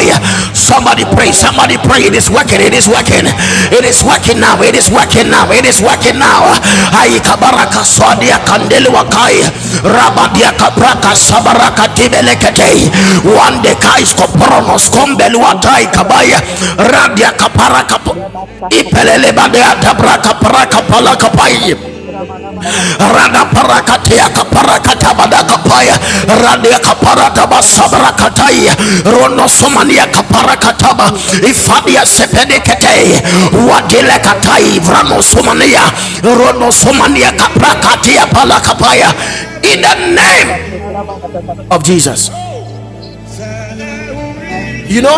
Somebody Zikaya pray, bala somebody shante pray. de It de is working, zikara it is baha. working, Le it bala is bala working bala now, it is shante de working zikara now, it baha. is working Le now. basu kaya Ai bala kabaraka shante swadia zikaya bala kandeli shante wakai de de zibala baha. rabadia Le kapraka bala bala bala sabaraka shante de de tibelekete zikara baha. Le wande basu kais kaya bala koporonos shante. kombeli Le watai bala bala kabaya le bala bala radia shante de de kaparaka zikara baha. Le ipelele basu kaya badeata bala braka limba shante de de paraka Make zikaya me palaka a baha. chance Le kara bala to my bala shante de rada de zibala bala parakatia family, bala bala kaparakata shante de de zikara badakapaya bala make baha. me a radia Le chance to basu my kaparataba kaya family, make me a bala chance sabrakataya Le kaya bala bala ronosomania shandere de to my kaparakataba zikaraba. family. Let me know you and ifadia know Lebasu you kaya up. bala Let me sepedekete know shandere that we de can put our zikaya bala positive and wadilekatai bala small life shandere in de life, vranosomania small zikaraba. life. La da da da da Lebasu ronosomania da da kaya da bala da kaprakatia da shandere de da da palakapaya da zikaya da. bala bala Le in the ma da shandere. da da da name Lebala bala bala da da bala da of da da. shandere de jesus Jesus. Amen. you know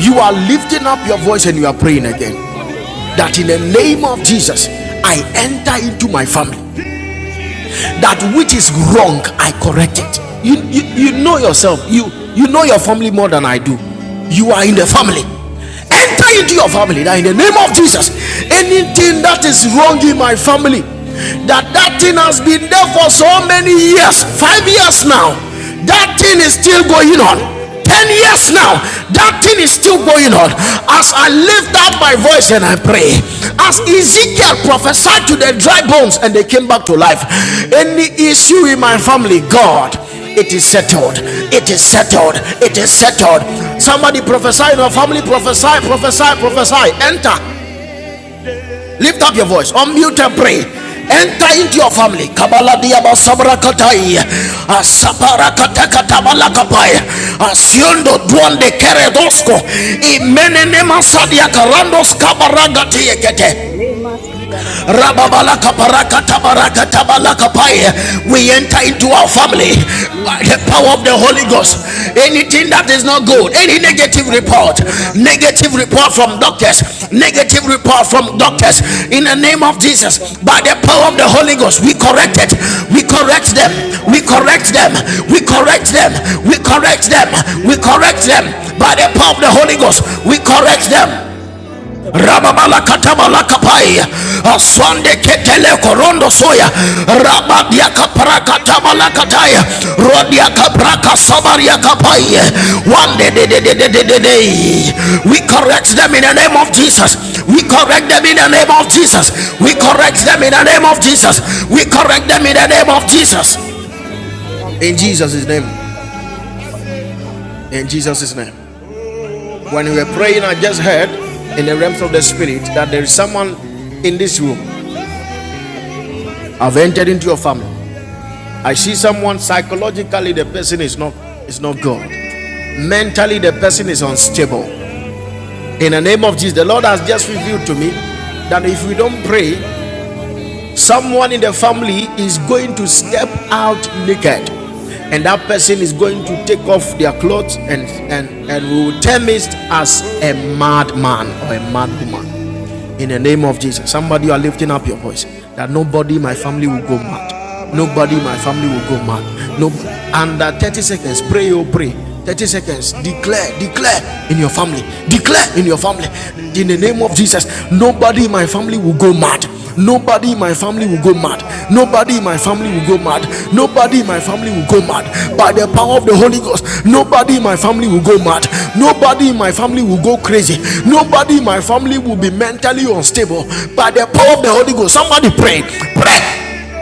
you are lifting up your voice and you are praying again that in the name of jesus i enter into my family that which is wrong i correct it you, you you know yourself you you know your family more than i do you are in the family enter into your family that in the name of jesus anything that is wrong in my family that that thing has been there for so many years five years now that thing is still going on 10 years now that thing is still going on as i lift up my voice and i pray as ezekiel prophesied to the dry bones and they came back to life any issue in my family god it is settled it is settled it is settled somebody prophesy in your family prophesy prophesy prophesy enter Lift up your voice, unmute and pray. Enter into your family. Kabala diaba sabra katai. Asapara kataka tabala kapai. Asiendo duande keredosko. Imene nema sadia karandos kabaragati ekete. Le ma si da da da da da da da da da. Jesus. Le Zakare ba bala ba ba ba ba ba Rababalakaparakatabarakatabalakapai. shandere ba We ba enter shanda into ba zikaraba. our ba ba ba. family Le by ma the shanda power of ba the ba Kaya Holy ba ba bala Ghost. shanda bala ba ba ba bala ba Anything ba. that bala is not Le good, shande ma any shanda baha negative ba ba ba ba report, ba ba leba shanda su ba ba negative kaya ba ba. report la from I shande doctors, si thank my kaya negative bala people and report let from me shande see doctors, the le goodness in the from kara name of bala the bala Jesus, by bala the power shande of the se Holy power Ghost, from we the kara correct baha it. heavenly living We leba correct them. su for We a kaya man bala correct for a them. power shande for We the bala bishop correct them. for mighty the name We of mother blood correct of Jesus them. Jesus We for le correct the kara them. bala mother By blood the of shande power of the se Jesus Holy kara Ghost, baha we for the correct mother them blood of leba Jesus su for the kaya mother bala blood of shande se Jesus for the mother blood of Jesus for rababalakatabalakapai kaya the bala shande de aswande de de ketele kara baha korondo mother blood soya of Le Jesus basu kaya bala Lord, shinde my zi rabadiakaparakatabalakataya prayer is kaya that bala shinde rodiakapraka you le will kara confirm sabariakapai bala bala one day, day, day, shinde day, day, zi day, day, kara baha day. we le correct basu them in the kara name bala of jesus shinde we zi correct kaya them in the bala name of baha jesus we kara bala correct them in the name of the shinde blood zi jesus of Jesus we kara is bala on correct them in bala me. the name of bala You cover jesus ba them in the blood le of kaya in Jesus. bala You bala cover jesus' name them, cover shinde zi them, kara cover them. bala ba in jesus' Jesus name Amen when we were praying i just heard in the realms of the spirit that there is someone in this room I've entered into your family. I see someone psychologically, the person is not is not good. Mentally, the person is unstable. In the name of Jesus, the Lord has just revealed to me that if we don't pray, Someone in the family is going to step out naked, and that person is going to take off their clothes, and and and we will term it as a madman or a mad woman. In the name of Jesus, somebody you are lifting up your voice that nobody in my family will go mad. Nobody in my family will go mad. No, under 30 seconds, pray, oh, pray. 30 seconds, declare, declare in your family, declare in your family. In the name of Cover Jesus, them. nobody in my family In the name will of go mad. Jesus, we Nobody in my family pray will for go them. mad. I Nobody in my family declare, will go mad. Lord, I do Nobody not in my need family will go mad. to go By back the to the power of the family. Holy Ghost, nobody Lord, in my God, family will go mad. I'm not going Nobody in my family will go crazy. to allow them to Nobody in my go. family will be No, mentally I do not unstable. want to go. no I do not want to By go. Lord, the power of the Holy Ghost, somebody I pray. Pray. do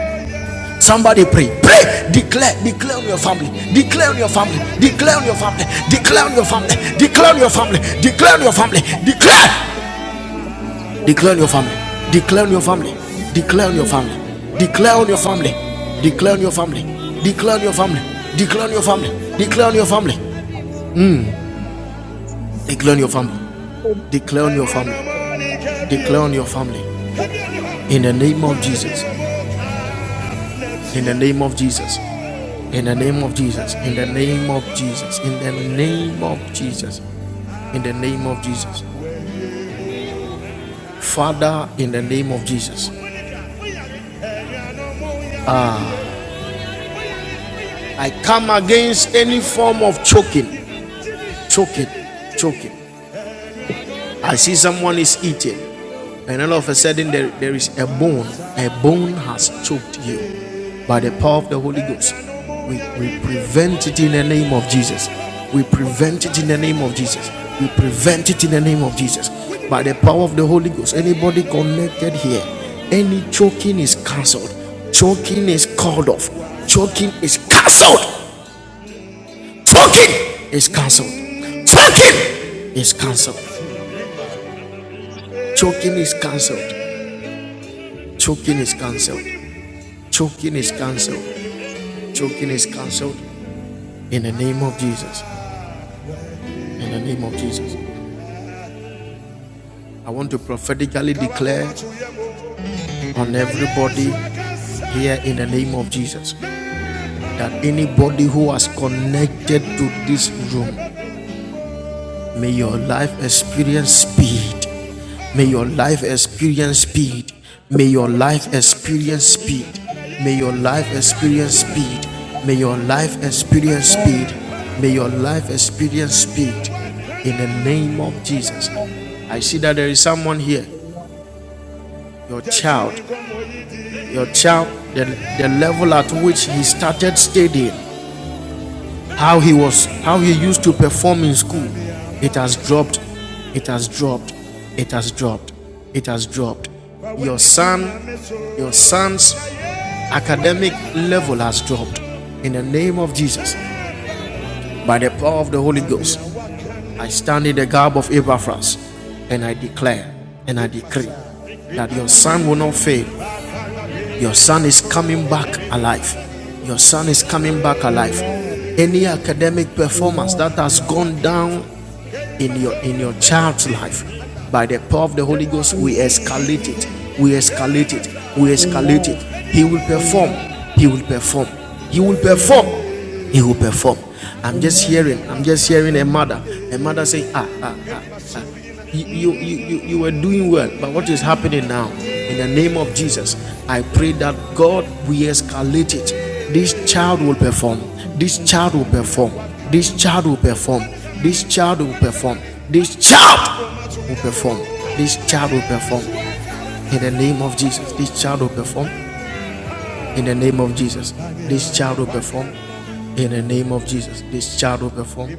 not want to Somebody pray, go. pray, declare, Man, man, man, declare on your family, man, declare on your family, declare on your family, declare on your family, declare on your family, declare on your family, declare. Declare on your family. Declare on your family. Declare on your family. Declare on your family. Declare on your family. Declare on your family. Declare on your family. Declare on your family. Declare on your family. Declare on your family. Declare on your family. In the name of Jesus. In the name of Jesus. In the name of Jesus. In the name of Jesus. In the name of Jesus. In the name of Jesus. Father, in the name of Jesus. I come against any form of choking. Choking. Choking I see someone is eating, and all of a sudden there, there is a bone. A bone has choked you. By the power of the Holy Ghost, we, we prevent it in the name of Jesus. We prevent it in the name of Jesus. We prevent it in the name of Jesus. By the power of the Holy Ghost, anybody connected here, any choking is cancelled. Choking is called off. Choking is cancelled. Choking is cancelled. Choking is cancelled. Choking is cancelled. Choking is cancelled. Choking is cancelled. Choking is cancelled. In the name of Jesus. In the name of Jesus. I want to prophetically declare on everybody here in the name of Jesus that anybody who has connected to this room May your life experience speed. May your life experience speed. May your life experience speed. May your life experience speed. May your life experience speed. May your life experience man, speed. man, In the name of Jesus. man, I see that there is someone here. man, man. Your child, your child, the, the level at which he started studying, how he was how he used to perform in school it has dropped it has dropped it has dropped it has dropped your son your son's academic level has dropped in the name of jesus by the power of the holy ghost i stand in the garb of epaphras and i declare and i decree that your son will not fail your son is coming back alive your son is coming back alive Amen. any academic performance that Amen. has gone down in your in your child's life by the power of the Holy Ghost, we Jesus. escalate it. We escalate it. We escalate it. Amen. He will perform. Amen. He will perform. He will perform. Amen. He will perform. I'm just Amen. hearing. I'm just hearing a mother. Amen. A mother say, ah, ah, you, you, you, you, were doing well, but what is happening now? In the name of Jesus, I pray that God we escalate it. This child will perform. This Amen. child will perform. This child will Amen. perform. This child will perform. This child will perform. This child will perform. In the name of Jesus, this child will perform. In the name of Jesus, this child will perform. In the name of Jesus, this child will perform.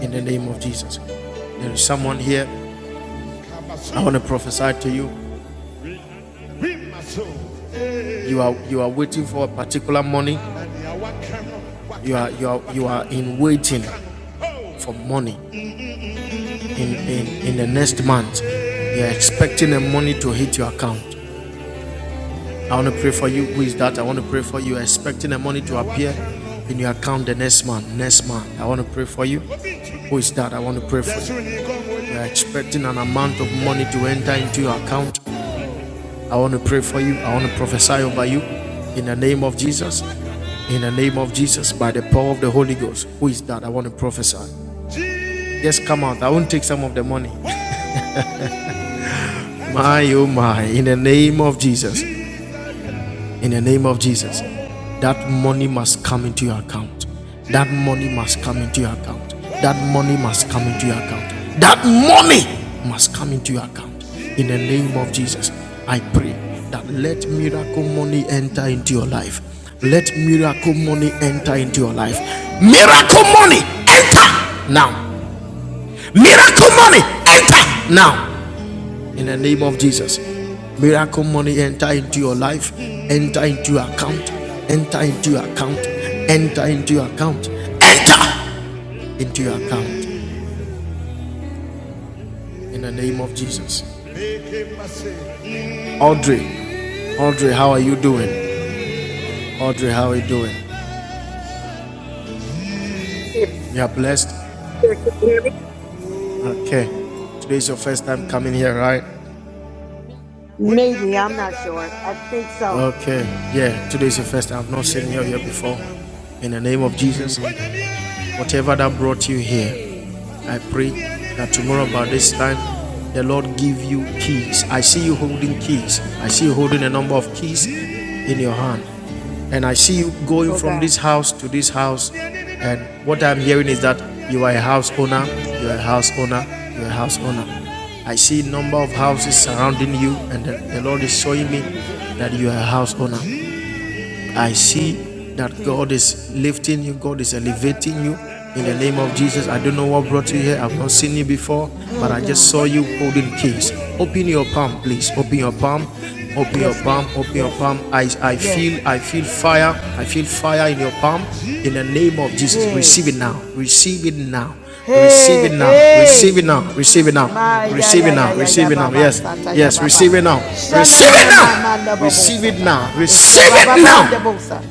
In the name of Jesus. There is someone here, I want to prophesy to you. you are you are waiting for a particular money you are you are you are in waiting for money in in, in the next month you are expecting a money to hit your account i want to pray for you who is that i want to pray for you You're expecting a money to appear in your account the next month next month i want to pray for you who is that i want to pray for you you are expecting an amount of money to enter into your account i want to pray for you i want to prophesy over you in the name of jesus In the name of Jesus, by the power of the Holy Ghost, who is that? I want to prophesy. Just come out. I won't take some of the money. My, oh my. In the name of Jesus. in the name of Jesus. That money must come into your account. That money must come into your account. That money must come into your account. That money must come into your account. In the name of Jesus, I pray that let miracle money enter into your life. Let miracle money enter into your life. Miracle money enter now. Miracle money enter now in the name of Jesus. Miracle money enter into your life, enter into your account, enter into your account, enter into your account, enter into your account in the name of Jesus. Audrey, Audrey, how are you doing? Audrey, how are you doing? Here, You are blessed? here, can you hear me? Okay. Today is your first time coming here, right? Maybe, I'm not sure. I think so. Okay, yeah, today is your first time. I've not seen you here before. In the name of Jesus, whatever that brought you here, I pray that tomorrow by this time, the Lord give you keys. I see you holding keys. I see you holding a number of keys in your hand. And I see you going Oh, from God. this house to this house. And what I'm hearing is that you are a house owner, you are a house owner, you are a house owner. I see a number of Oh, houses surrounding you, and the, the Lord is showing me Jesus. that you are a house owner. I see Mm, that Jesus. God is lifting you, God is elevating you. In the Yes, name of God. Jesus, I don't know what brought you here. I've not seen you before, but Oh, I just God. saw you holding keys. Open your palm, please. Open your Yes. palm. Open your Yes, palm. God. Open your Yes. palm. I, I Yes. feel I feel fire. I feel fire in your palm. In the name of Jesus, Hey. receive it now. Receive it now. Receive it Hey. now. Receive it Hey. now. Receive it now. My ya Receive ya it ya now. ya ya Receive it now. baba Yes. sata ya Yes. baba. Receive it now. Shana Receive na it na ma ma na now. bobo Receive it sata. now. Isha Receive baba it ba now. na bosa.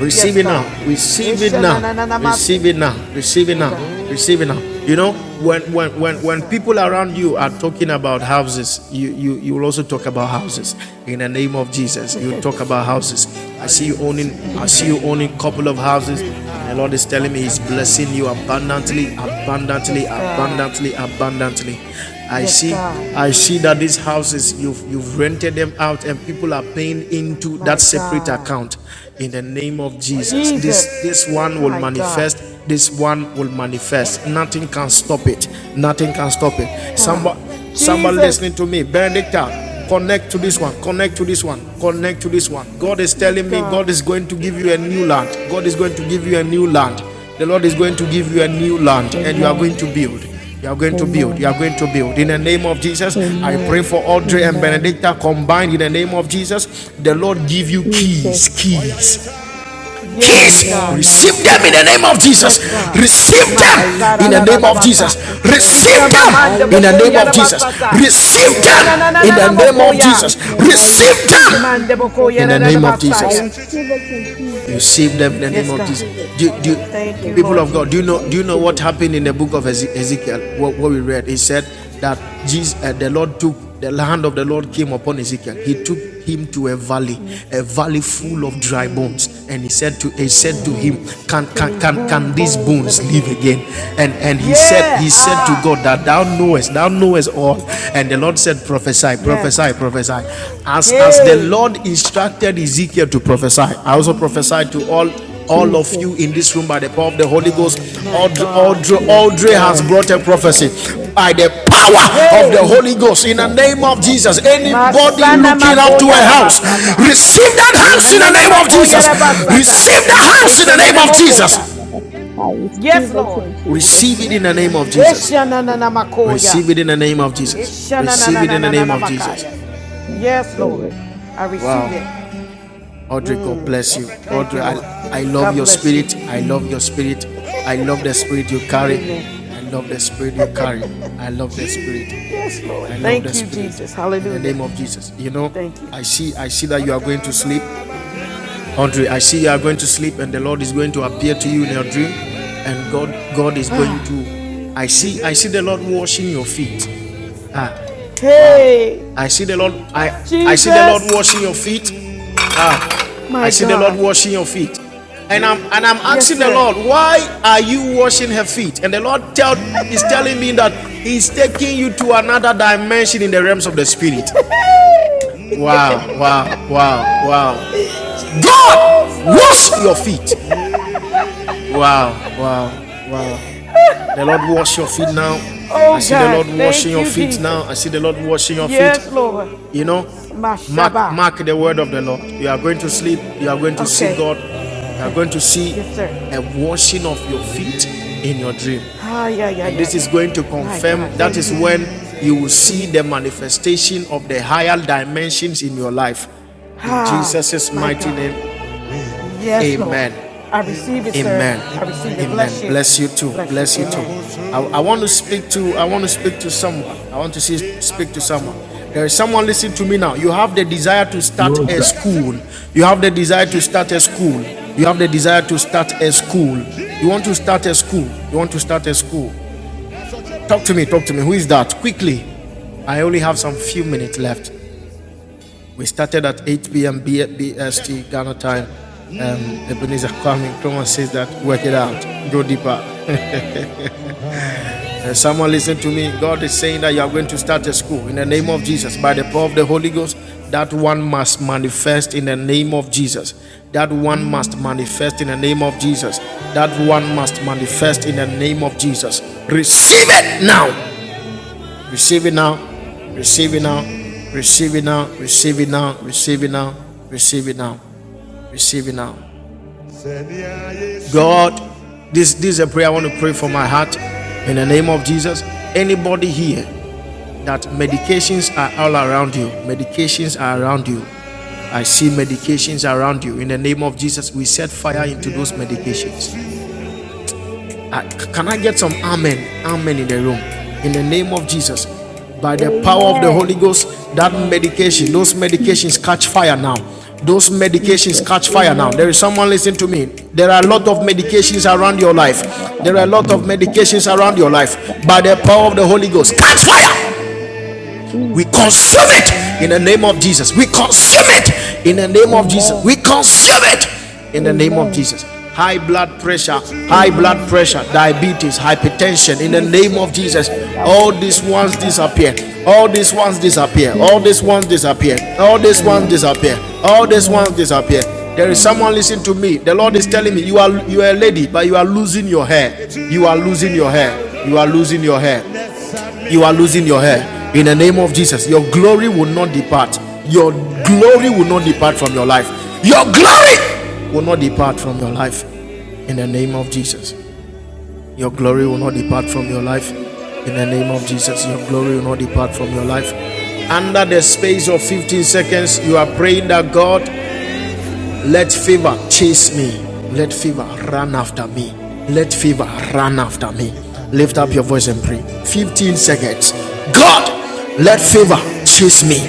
Yes, Receive it now. God. Receive it Isha na now. na na na masi. Receive it now. Receive it Oh, now. God. Receive it now. You know, when when when Yes, when God. people around you are talking about houses, you you you will also talk about houses. In the name of Jesus, you talk about houses. I see you owning. I see Amen. you owning a couple of houses. The Lord is telling me He's blessing you abundantly, abundantly, Yes, God. abundantly, abundantly. I Yes, see, God. I see that these houses you've you've rented them out, and people are paying into that My separate God. account. In the name of Jesus, this Jesus. this one will My God. manifest. This one will manifest. Nothing can stop it. Nothing can stop it. Ha. Somebody. Somebody Jesus. listening to me, Benedicta, connect to this one, connect to this one, connect to this one. God is My telling me God God. is going to give you a new land. God is going to give you a new land. The Lord is going to give you a new land and you are going Amen. to build. You are going to build. Amen. You are going to build. In the name of Jesus, I pray Amen. for Audrey and Amen. Benedicta combined. In the name of Jesus, the Lord give you keys, Jesus. keys, Yes, keys, Amen. God. I receive them receive in it the name in of Jesus' Jesus. Yes, name. God. Receive them I in the receive name it of in Mashadadadabasa. Jesus. Jesus' name. Receive them I Ishamamande in the name bokoya receive of it. Jesus. rabasata. Receive Oh, I them receive in the Ishanananana it in name of mokoya. Jesus. Jesus' name. I Receive receive them it in Mande Jesus' bokoya in the name. name of I Jesus. radabasaya. receive it in You Jesus' save them in name. the I name Yes, of God. Jesus. receive it. Do, I do, receive Thank it. you, people Lord of God, do you I know Jesus. do you know receive what it. happened in I the book receive of it. Ezekiel? What, what we read, he said that Jesus, uh, the Lord took the hand of the Lord came upon Ezekiel. He took him to a valley, a valley full of dry bones, and he said to he said to him, "Can Can can these can boom can these bones live bones live again? again?" And and he said Yeah. he said to Ha. God that Thou knowest, Thou knowest all, and the the Lord said, prophesy, Yes. prophesy, prophesy. As, as the Hey, Lord instructed Ezekiel to prophesy, I also prophesied to all, all of you Jesus. in this room by the power of the Holy Ghost. my Audrey, God. Audrey, Yes, Audrey has Lord. brought a Yes, prophecy Lord. Yes. by the power of the Hey, Holy Ghost. Jesus. In the Da da name da of da ba, Jesus, da da ba, da anybody bo, Masana looking sha, up da. to a da Makoya da ba, house, da ba, Rabasata. da da receive that Ye, house ma, in the Hernena sa, name of da da Makoya Jesus. da, bo, da, da, bo, Rabasata. Receive sha, the da, da, house in da, the ba, da, Ishanana name of da, ba, da, Mokota. Jesus. da, ba. I Yes, receive it Lord. in Jesus' Receive it in name. the name of Jesus. I Ishanana Makoya. Receive it in the name of Receive Jesus. it. I Receive receive it in it. the name Ishanana of Jesus. Makaya. Yes, Lord. Amen. I receive Wow. it. Audrey, God bless you. Thank Audrey, you, I, Lord. I love God your bless you. spirit. I love your spirit. I love the spirit you carry. Amen. I love the spirit you carry. I love the spirit. Yes, I Lord. love Thank the you, spirit. Jesus. In the Hallelujah. name of Jesus. You know, Thank you. I see I see that you are going to sleep. Audrey, I see you are going to sleep and the Lord is going to appear to you in your dream and God God is going to I see I see the Lord washing your feet. Ah, wow. Hey, I see the Lord I I see the Lord Jesus. washing your feet. Ah, I My see the Lord God. washing your feet. And I'm and I'm Yes, asking the sir. Lord, why are you washing her feet? And the Lord tell is telling me that He's taking you to another dimension in the realms of the spirit. Wow, wow, wow, wow, Jesus. God, Oh wash your God. feet. wow, wow, wow. The Lord wash your feet now. I Oh see the God. Lord washing Thank your you, feet now. Jesus. I see the Lord washing your feet. Yes, Lord. You know, My mark Shabbat. mark the word of the Lord. You are going to sleep. You are going to see Okay. God. You are Okay. going to see Yes, sir. a washing of your feet in your dream. Ah, yeah, yeah, And yeah, this yeah. is going to My confirm God. that Thank is you. when you will see the manifestation of the higher dimensions in your life. In Ah, Jesus' my mighty God. name, Yes, Lord. amen. I receive it, sir. Amen. I receive it. Bless Amen. you. Bless you too. Bless you. Bless you too. Amen. I, I Amen. want to speak to I want to speak to someone. I want to see, speak to someone. There is someone listening to me now. You have the desire to start Lord a God. school. You have the desire to start a school. You have the desire to start a school. You want to start a school. You want to start a school. Talk to me, talk to me. Who is that? Quickly. I only have some few minutes left. We started at 8 p.m. B- S T Ghana time. Um, Ebenezer Kwame Nkrumah says that work it out, go deeper. Uh, someone listen to me. God is saying that you are going to start a school in the name of Jesus by the power of the Holy Ghost. That one must manifest in the name of Jesus. That one must manifest in the name of Jesus. That one must manifest in the name of Jesus. Receive it now. Receive it now. Receive it now. Receive it now. Receive it now. Receive it now. Receive it now. Receive it now. God, this, this is a prayer I want to pray for my heart in the name of Jesus. Anybody here that medications are all around you, medications are around you. I see medications around you. In the name of Jesus, we set fire into those medications. I- c- can I get some amen? Amen in the room. In the name of Jesus. By the power of the Holy Amen. Ghost, that Amen. medication, those medications Jesus. catch fire now. Those medications Jesus. catch fire now. There is Amen. someone listening to me. There are a lot of Amen. medications around your life. There are a lot of Amen. Jesus. medications around your life. By the power of the Holy Ghost, catch fire! We consume it in the Amen. name of Jesus. We consume it in the name of Jesus. We Amen. consume it in the name of Amen. Jesus. High blood pressure, high blood Amen. pressure, diabetes, hypertension in the Jesus. name of Jesus. All these ones disappear. All these ones disappear. All these Jesus. ones disappear. All these ones disappear. All Amen. these ones Amen. disappear. There is someone listening to me. The Lord is telling me you are you are a Amen. lady, but you are losing your hair. You are losing your hair. You are losing your hair you are losing your hair. In the name of Jesus, your glory will not depart. Your glory will not depart from your life. Your glory will not depart from your life. In the name of Jesus, your glory will not depart from your life. In the name of Jesus, your glory will not depart from your life. Under the space of 15 seconds, you are praying that God let fever chase me. Let fever run after me. Let fever run after me. Lift up your voice and pray. 15 seconds. God, let fever chase me.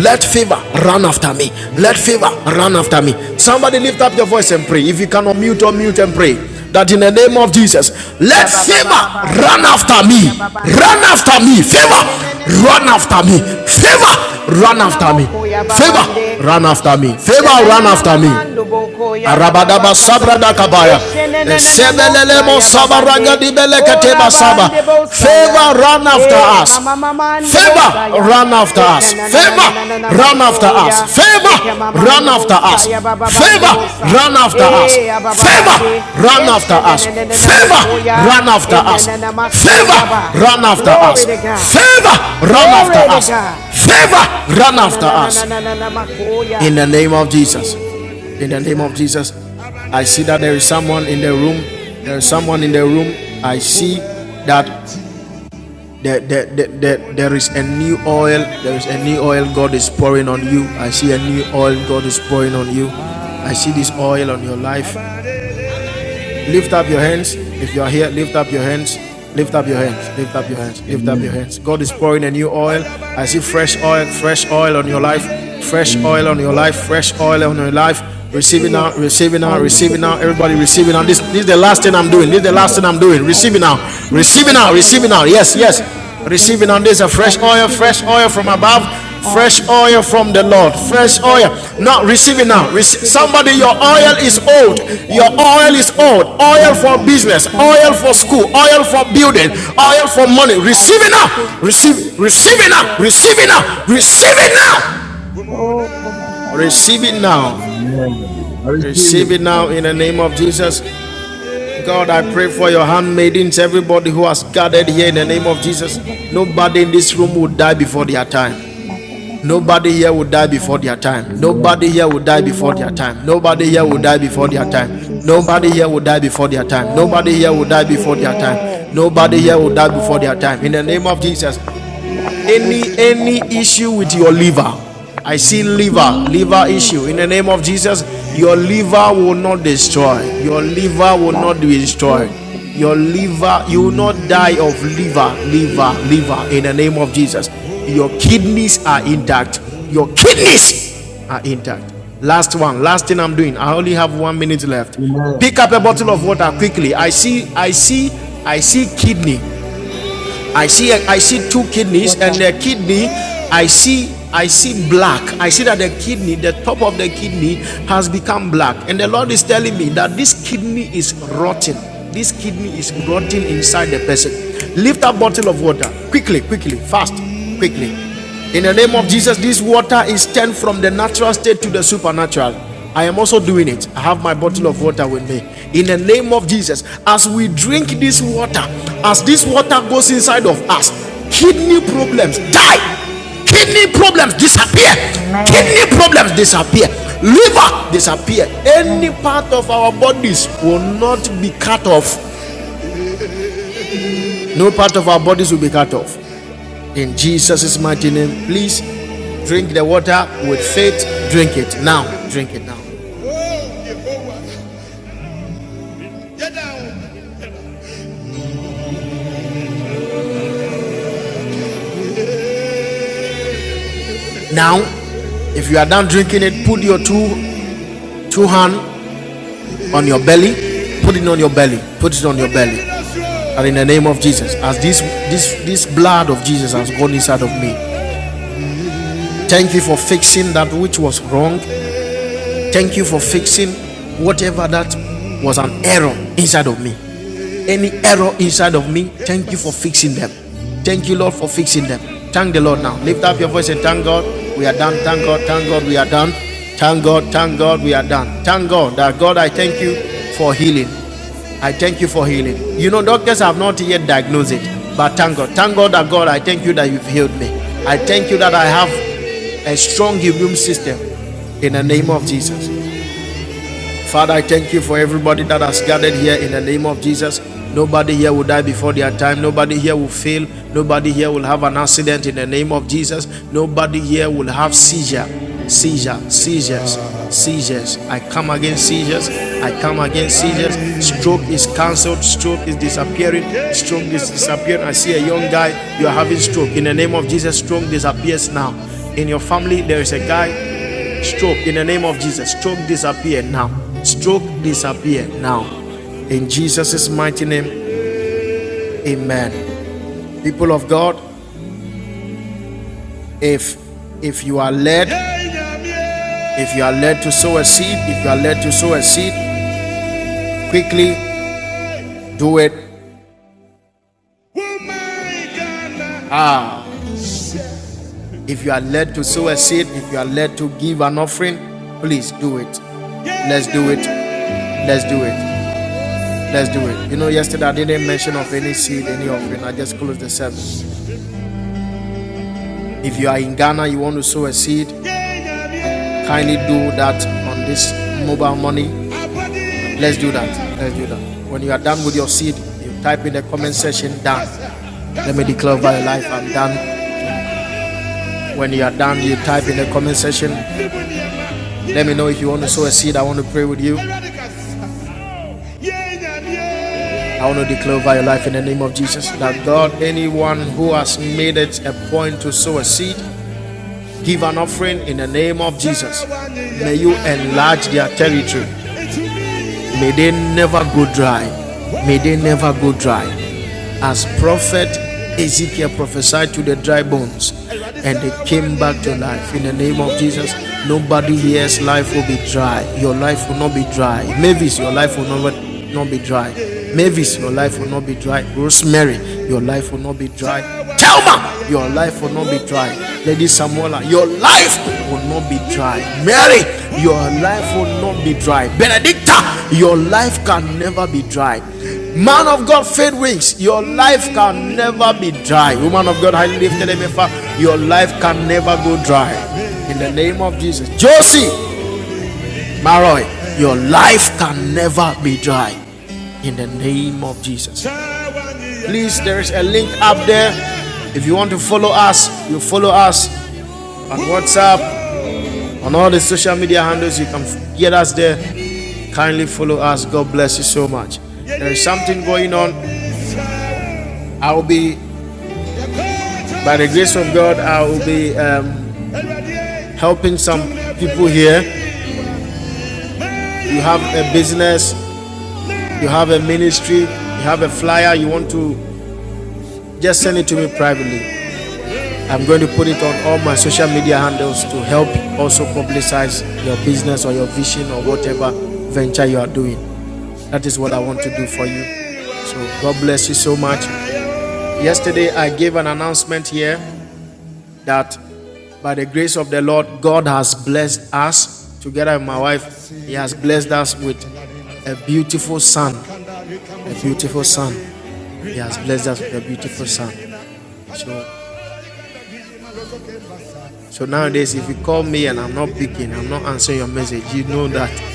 Let fever run after me. Let fever run after me. Somebody lift up your voice and pray. If you cannot mute or mute and pray, that in the name of Jesus, let fever Shabababababande run after basoko me. yababande Run bosa. after me. Fever, run after Shenenenenenenamo me. Fever, run Na after me. Namoko ya Favor, babande. run after me. Favor, run after Shananana me. mando boko ya Arabadaba rarabasata. sabrada kabaya. Eshenenana mosa Sebelelemo ya sabaraga babande. di O belekateba saba. rabande bosaya. Favor, run after E us. mama mama mamande Favor, bosaya. run after E us. Favor, kananana run after us. masoya. Favor, E run kamamande after us. bosaya bababande Favor, bosa. run after us. E Favor, abababande. run after us. Eshenenana Favor, ya, run after E us. nanana Favor, masoya ba. run after us. Glory to God. Favor, run after Glory to us. God. Favor, run after us. In Shananananananamakoya. the name of Jesus. In the Yes, name of God. Jesus. I see that there is someone in the room. There is someone in the room. I see that there, there, there, there there is a new oil. There is a new oil God is pouring on you. I see a new oil God is pouring on you. I see this oil on your life. Lift up your hands. If you are here, lift up your hands. Lift up your hands. Lift up your hands. Lift up Amen. your hands. God is pouring a new oil. I see fresh oil, fresh oil on your life. Fresh oil on Amen. your life. Fresh oil on your life. Receiving receive it. now, receiving I now, receive receiving Amen. now. it in Everybody receiving Jesus' now. This, name. I this is the last receive thing it. I'm I doing. This is the receive last thing it. Amen. I'm doing. I Receiving now. receive Receiving fresh Amen. now. Receiving oil. I now. Yes, receive it yes. in Jesus' Receiving on name. Amen. this a I fresh oil, receive it fresh in oil from Jesus' above, name. I fresh oil receive it. from the I Lord, receive it. fresh Amen. I oil. receive Not it. receiving I now. Rec- receive it somebody, in your the oil mighty is name Amen. of old. Jesus. I Your oil receive is it. old. Oil Like for I a receive bridge, it. business, and oil da, for da, da, school, da, da, oil da, for building, oil for money. I Receive it receive now. it. I Receive, receive receive it now. fresh Receive it oil now. of Receive this. it now. Oh, Amen. for my finances, Receive for it now. Amen. this. I receive Receive it. it I now in the see it. name of Jesus. God, I I pray see for it. your handmaidens, everybody who has gathered here in the name of Jesus. Nobody in this room will die before their time. Nobody here will die before their time. Nobody Amen. here will Amen. die before their Amen. time. Nobody here will die Amen. before their Amen. In time. Jesus' Nobody here name. will die before their time. Nobody Amen. here will die before their time. Amen. Nobody here Amen. will die before Amen. their In time. In the Jesus' name of name. Jesus, any any issue with your liver i see liver liver issue in the Jesus. name of jesus your Jesus. liver will not destroy your liver will not be destroyed your liver you will not Amen. die of liver liver Jesus. liver in the name of jesus your kidneys are Amen. intact your kidneys are intact last one last thing i'm doing i only have one minute left Amen. pick up a bottle of water quickly i see i see i see kidney I see I see two kidneys and Water. the kidney I see I see black. I see that the kidney, the top of the kidney has become black. And the Lord is telling me that this kidney is rotten. This kidney is rotten inside the person. Lift that bottle of water quickly, quickly, fast, quickly. In the name of Jesus, Mm. this water is turned from the natural state to the supernatural. I am also doing it. I have my bottle Yeah. of water with me. In the name of Jesus, as we drink this water, Jesus as name, this water goes inside of us, kidney problems Jesus die, kidney problems disappear, Amen kidney problems disappear, Jesus name, liver disappear. Any Amen part of our bodies will Jesus not be cut off. Mm. No part of our bodies will be cut off. In Jesus' mighty name, please drink the water with faith. Drink it now. Drink it now. Now, if you are done drinking it, put your two two hand on your belly. Put it on your belly. Put it on your belly. And in the name of Jesus, as this this this blood of Jesus has gone inside of me, thank you for fixing that which was wrong. Thank you for fixing whatever that was an error inside of me. Any error inside of me, thank you for fixing them. Thank you, Lord, for fixing them. Thank the Lord now. Lift up your voice and thank God. We are done. Thank God. Thank God. We are done. Thank God. Thank God. We are done. Thank God that God, I thank you for healing. I thank you for healing. You know, doctors have not yet diagnosed it, but thank God. Thank God that God, I thank you that you've healed me. I thank you that I have a strong immune system in the name of Jesus. Father, I thank you for everybody that has gathered here in the name of Jesus. Nobody here will die before their time. Nobody here will fail. Nobody here will have an accident in the name of Jesus. Nobody here will have seizure, seizure, seizures, seizures. I come against seizures. I come against seizures. Stroke is cancelled. Stroke is disappearing. Stroke is disappearing. I see a young guy. You are having stroke. In the name of Jesus, stroke disappears now. In your family, there is a guy Stroke in the name of Jesus. Stroke disappear now. Stroke disappear now. In Jesus' mighty name, amen. People of God, if if you are led, if you are led to sow a seed, if you are led to sow a seed, quickly do it. Ah, if you are led to sow a seed, if you are led to give an offering, please do it. Let's do it. Let's do it. Let's do it. You know, yesterday I didn't mention of any seed, any offering. I just closed the service. If you are in Ghana, you want to sow a seed, kindly do that on this mobile money. Let's do that. Let's do that. When you are done with your seed, you type in the comment section done. Let me declare over your life I'm done. When you are done, you type in the comment section. Let me know if you want to sow a seed. I want to pray with you. I want to declare over your life in the name of Jesus that God, anyone who has made it a point to sow a seed, Give an offering in the name of Jesus. May you enlarge their territory. May they never go dry. May they never go dry as prophet Ezekiel prophesied to the dry bones and they came back to life in the name of Jesus. Nobody here's life will be dry. Your life will not be dry. Mavis, your life will not, not be dry. Mavis, your life will not be dry. Rosemary, your life will not be dry. Thelma, your life will not be dry. Lady Samola, your life will not be dry. Mary, your life will not be dry. Benedicta, your life can never be dry. Man of God, faith wings. Your life can never be dry. Woman of God, I lifted him far. Your life can never go dry. In the name of Jesus. Josie Maroy, your life can never be dry. In the name of Jesus. Please, there is a link up there. If you want to follow us, you follow us on WhatsApp, on all the social media handles. You can get us there kindly follow us god bless you so much there is something going on i'll be By the grace of God, I will be um, helping some people here. You have a business, you have a ministry, you have a flyer, you want to just send it to me privately. I'm going to put it on all my social media handles to help also publicize your business or your vision or whatever venture you are doing. That is what I want to do for you. So, God bless you so much. Yesterday, I gave an announcement here that by the grace of the Lord, God has blessed us together with my wife. He has blessed us with a beautiful son. A beautiful son. He has blessed us with a beautiful son. So, so nowadays, if you call me and I'm not picking, I'm not answering your message, you know that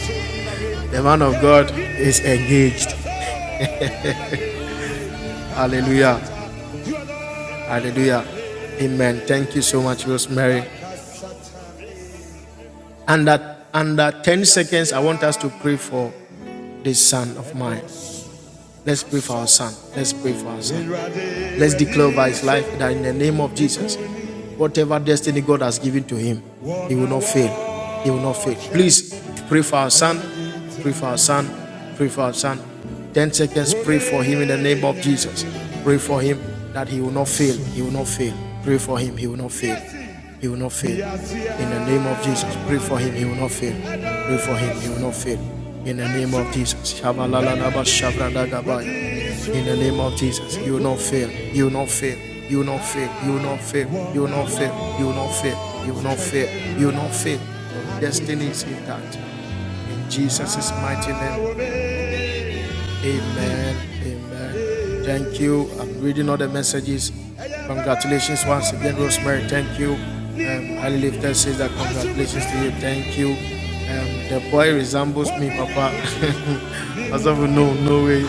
the man of God is engaged. Hallelujah. Hallelujah. Amen. Thank you so much, Rosemary. Under under 10 seconds, I want us to pray for this son of mine. Let's pray for our son. Let's pray for our son. Let's declare by his life that in the name of Jesus, whatever destiny God has given to him, he will not fail. He will not fail. Please pray for our son. Pray for our son. Pray for our son. 10 seconds. Pray for him in the name of Jesus. Pray for him that he will not fail. He will not fail. Pray for him. He will not fail. He will not fail. In the name of Jesus, pray for him. He will not fail. Pray for him. He will not fail. In the name of Jesus. Shabalalalaba shabradagabaya. In the name of Jesus, you will not fail. You will not fail. You will not fail. You will not fail. You will not fail. You will not fail. You will not fail. You will not fail. destiny is intact. In Jesus' mighty name, Amen. Amen. Thank you. I'm reading all the messages. Congratulations once again, Rosemary. Thank you. Um, Highly Lifted says that congratulations to you. Thank you. Um, the boy resembles me, Papa. As of no, no way.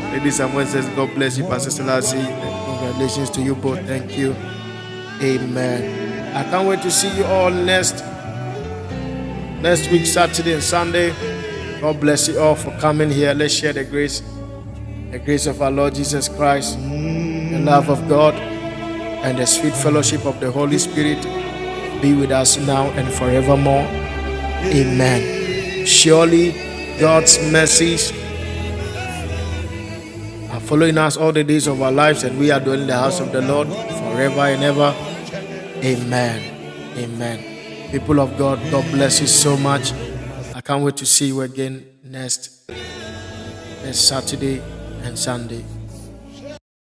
Lady Samuel says, God bless you, Pastor Selassie. And Congratulations to you both. Thank you. Amen. I can't wait to see you all next next week, Saturday and Sunday. God bless you all for coming here. Let's share the grace, the grace of our Lord Jesus Christ, The love of God and the sweet fellowship of the Holy Spirit be with us now and forevermore. Amen. Surely God's mercies are following us all the days of our lives, and we are dwelling in the house of the Lord forever and ever. Amen. Amen. People of God, God bless you so much. I can't wait to see you again next, next Saturday and Sunday.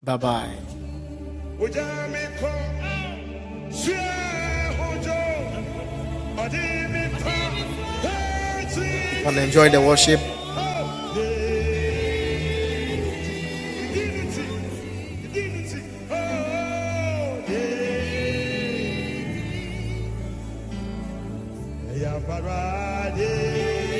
Bye bye. and enjoy the worship. Thank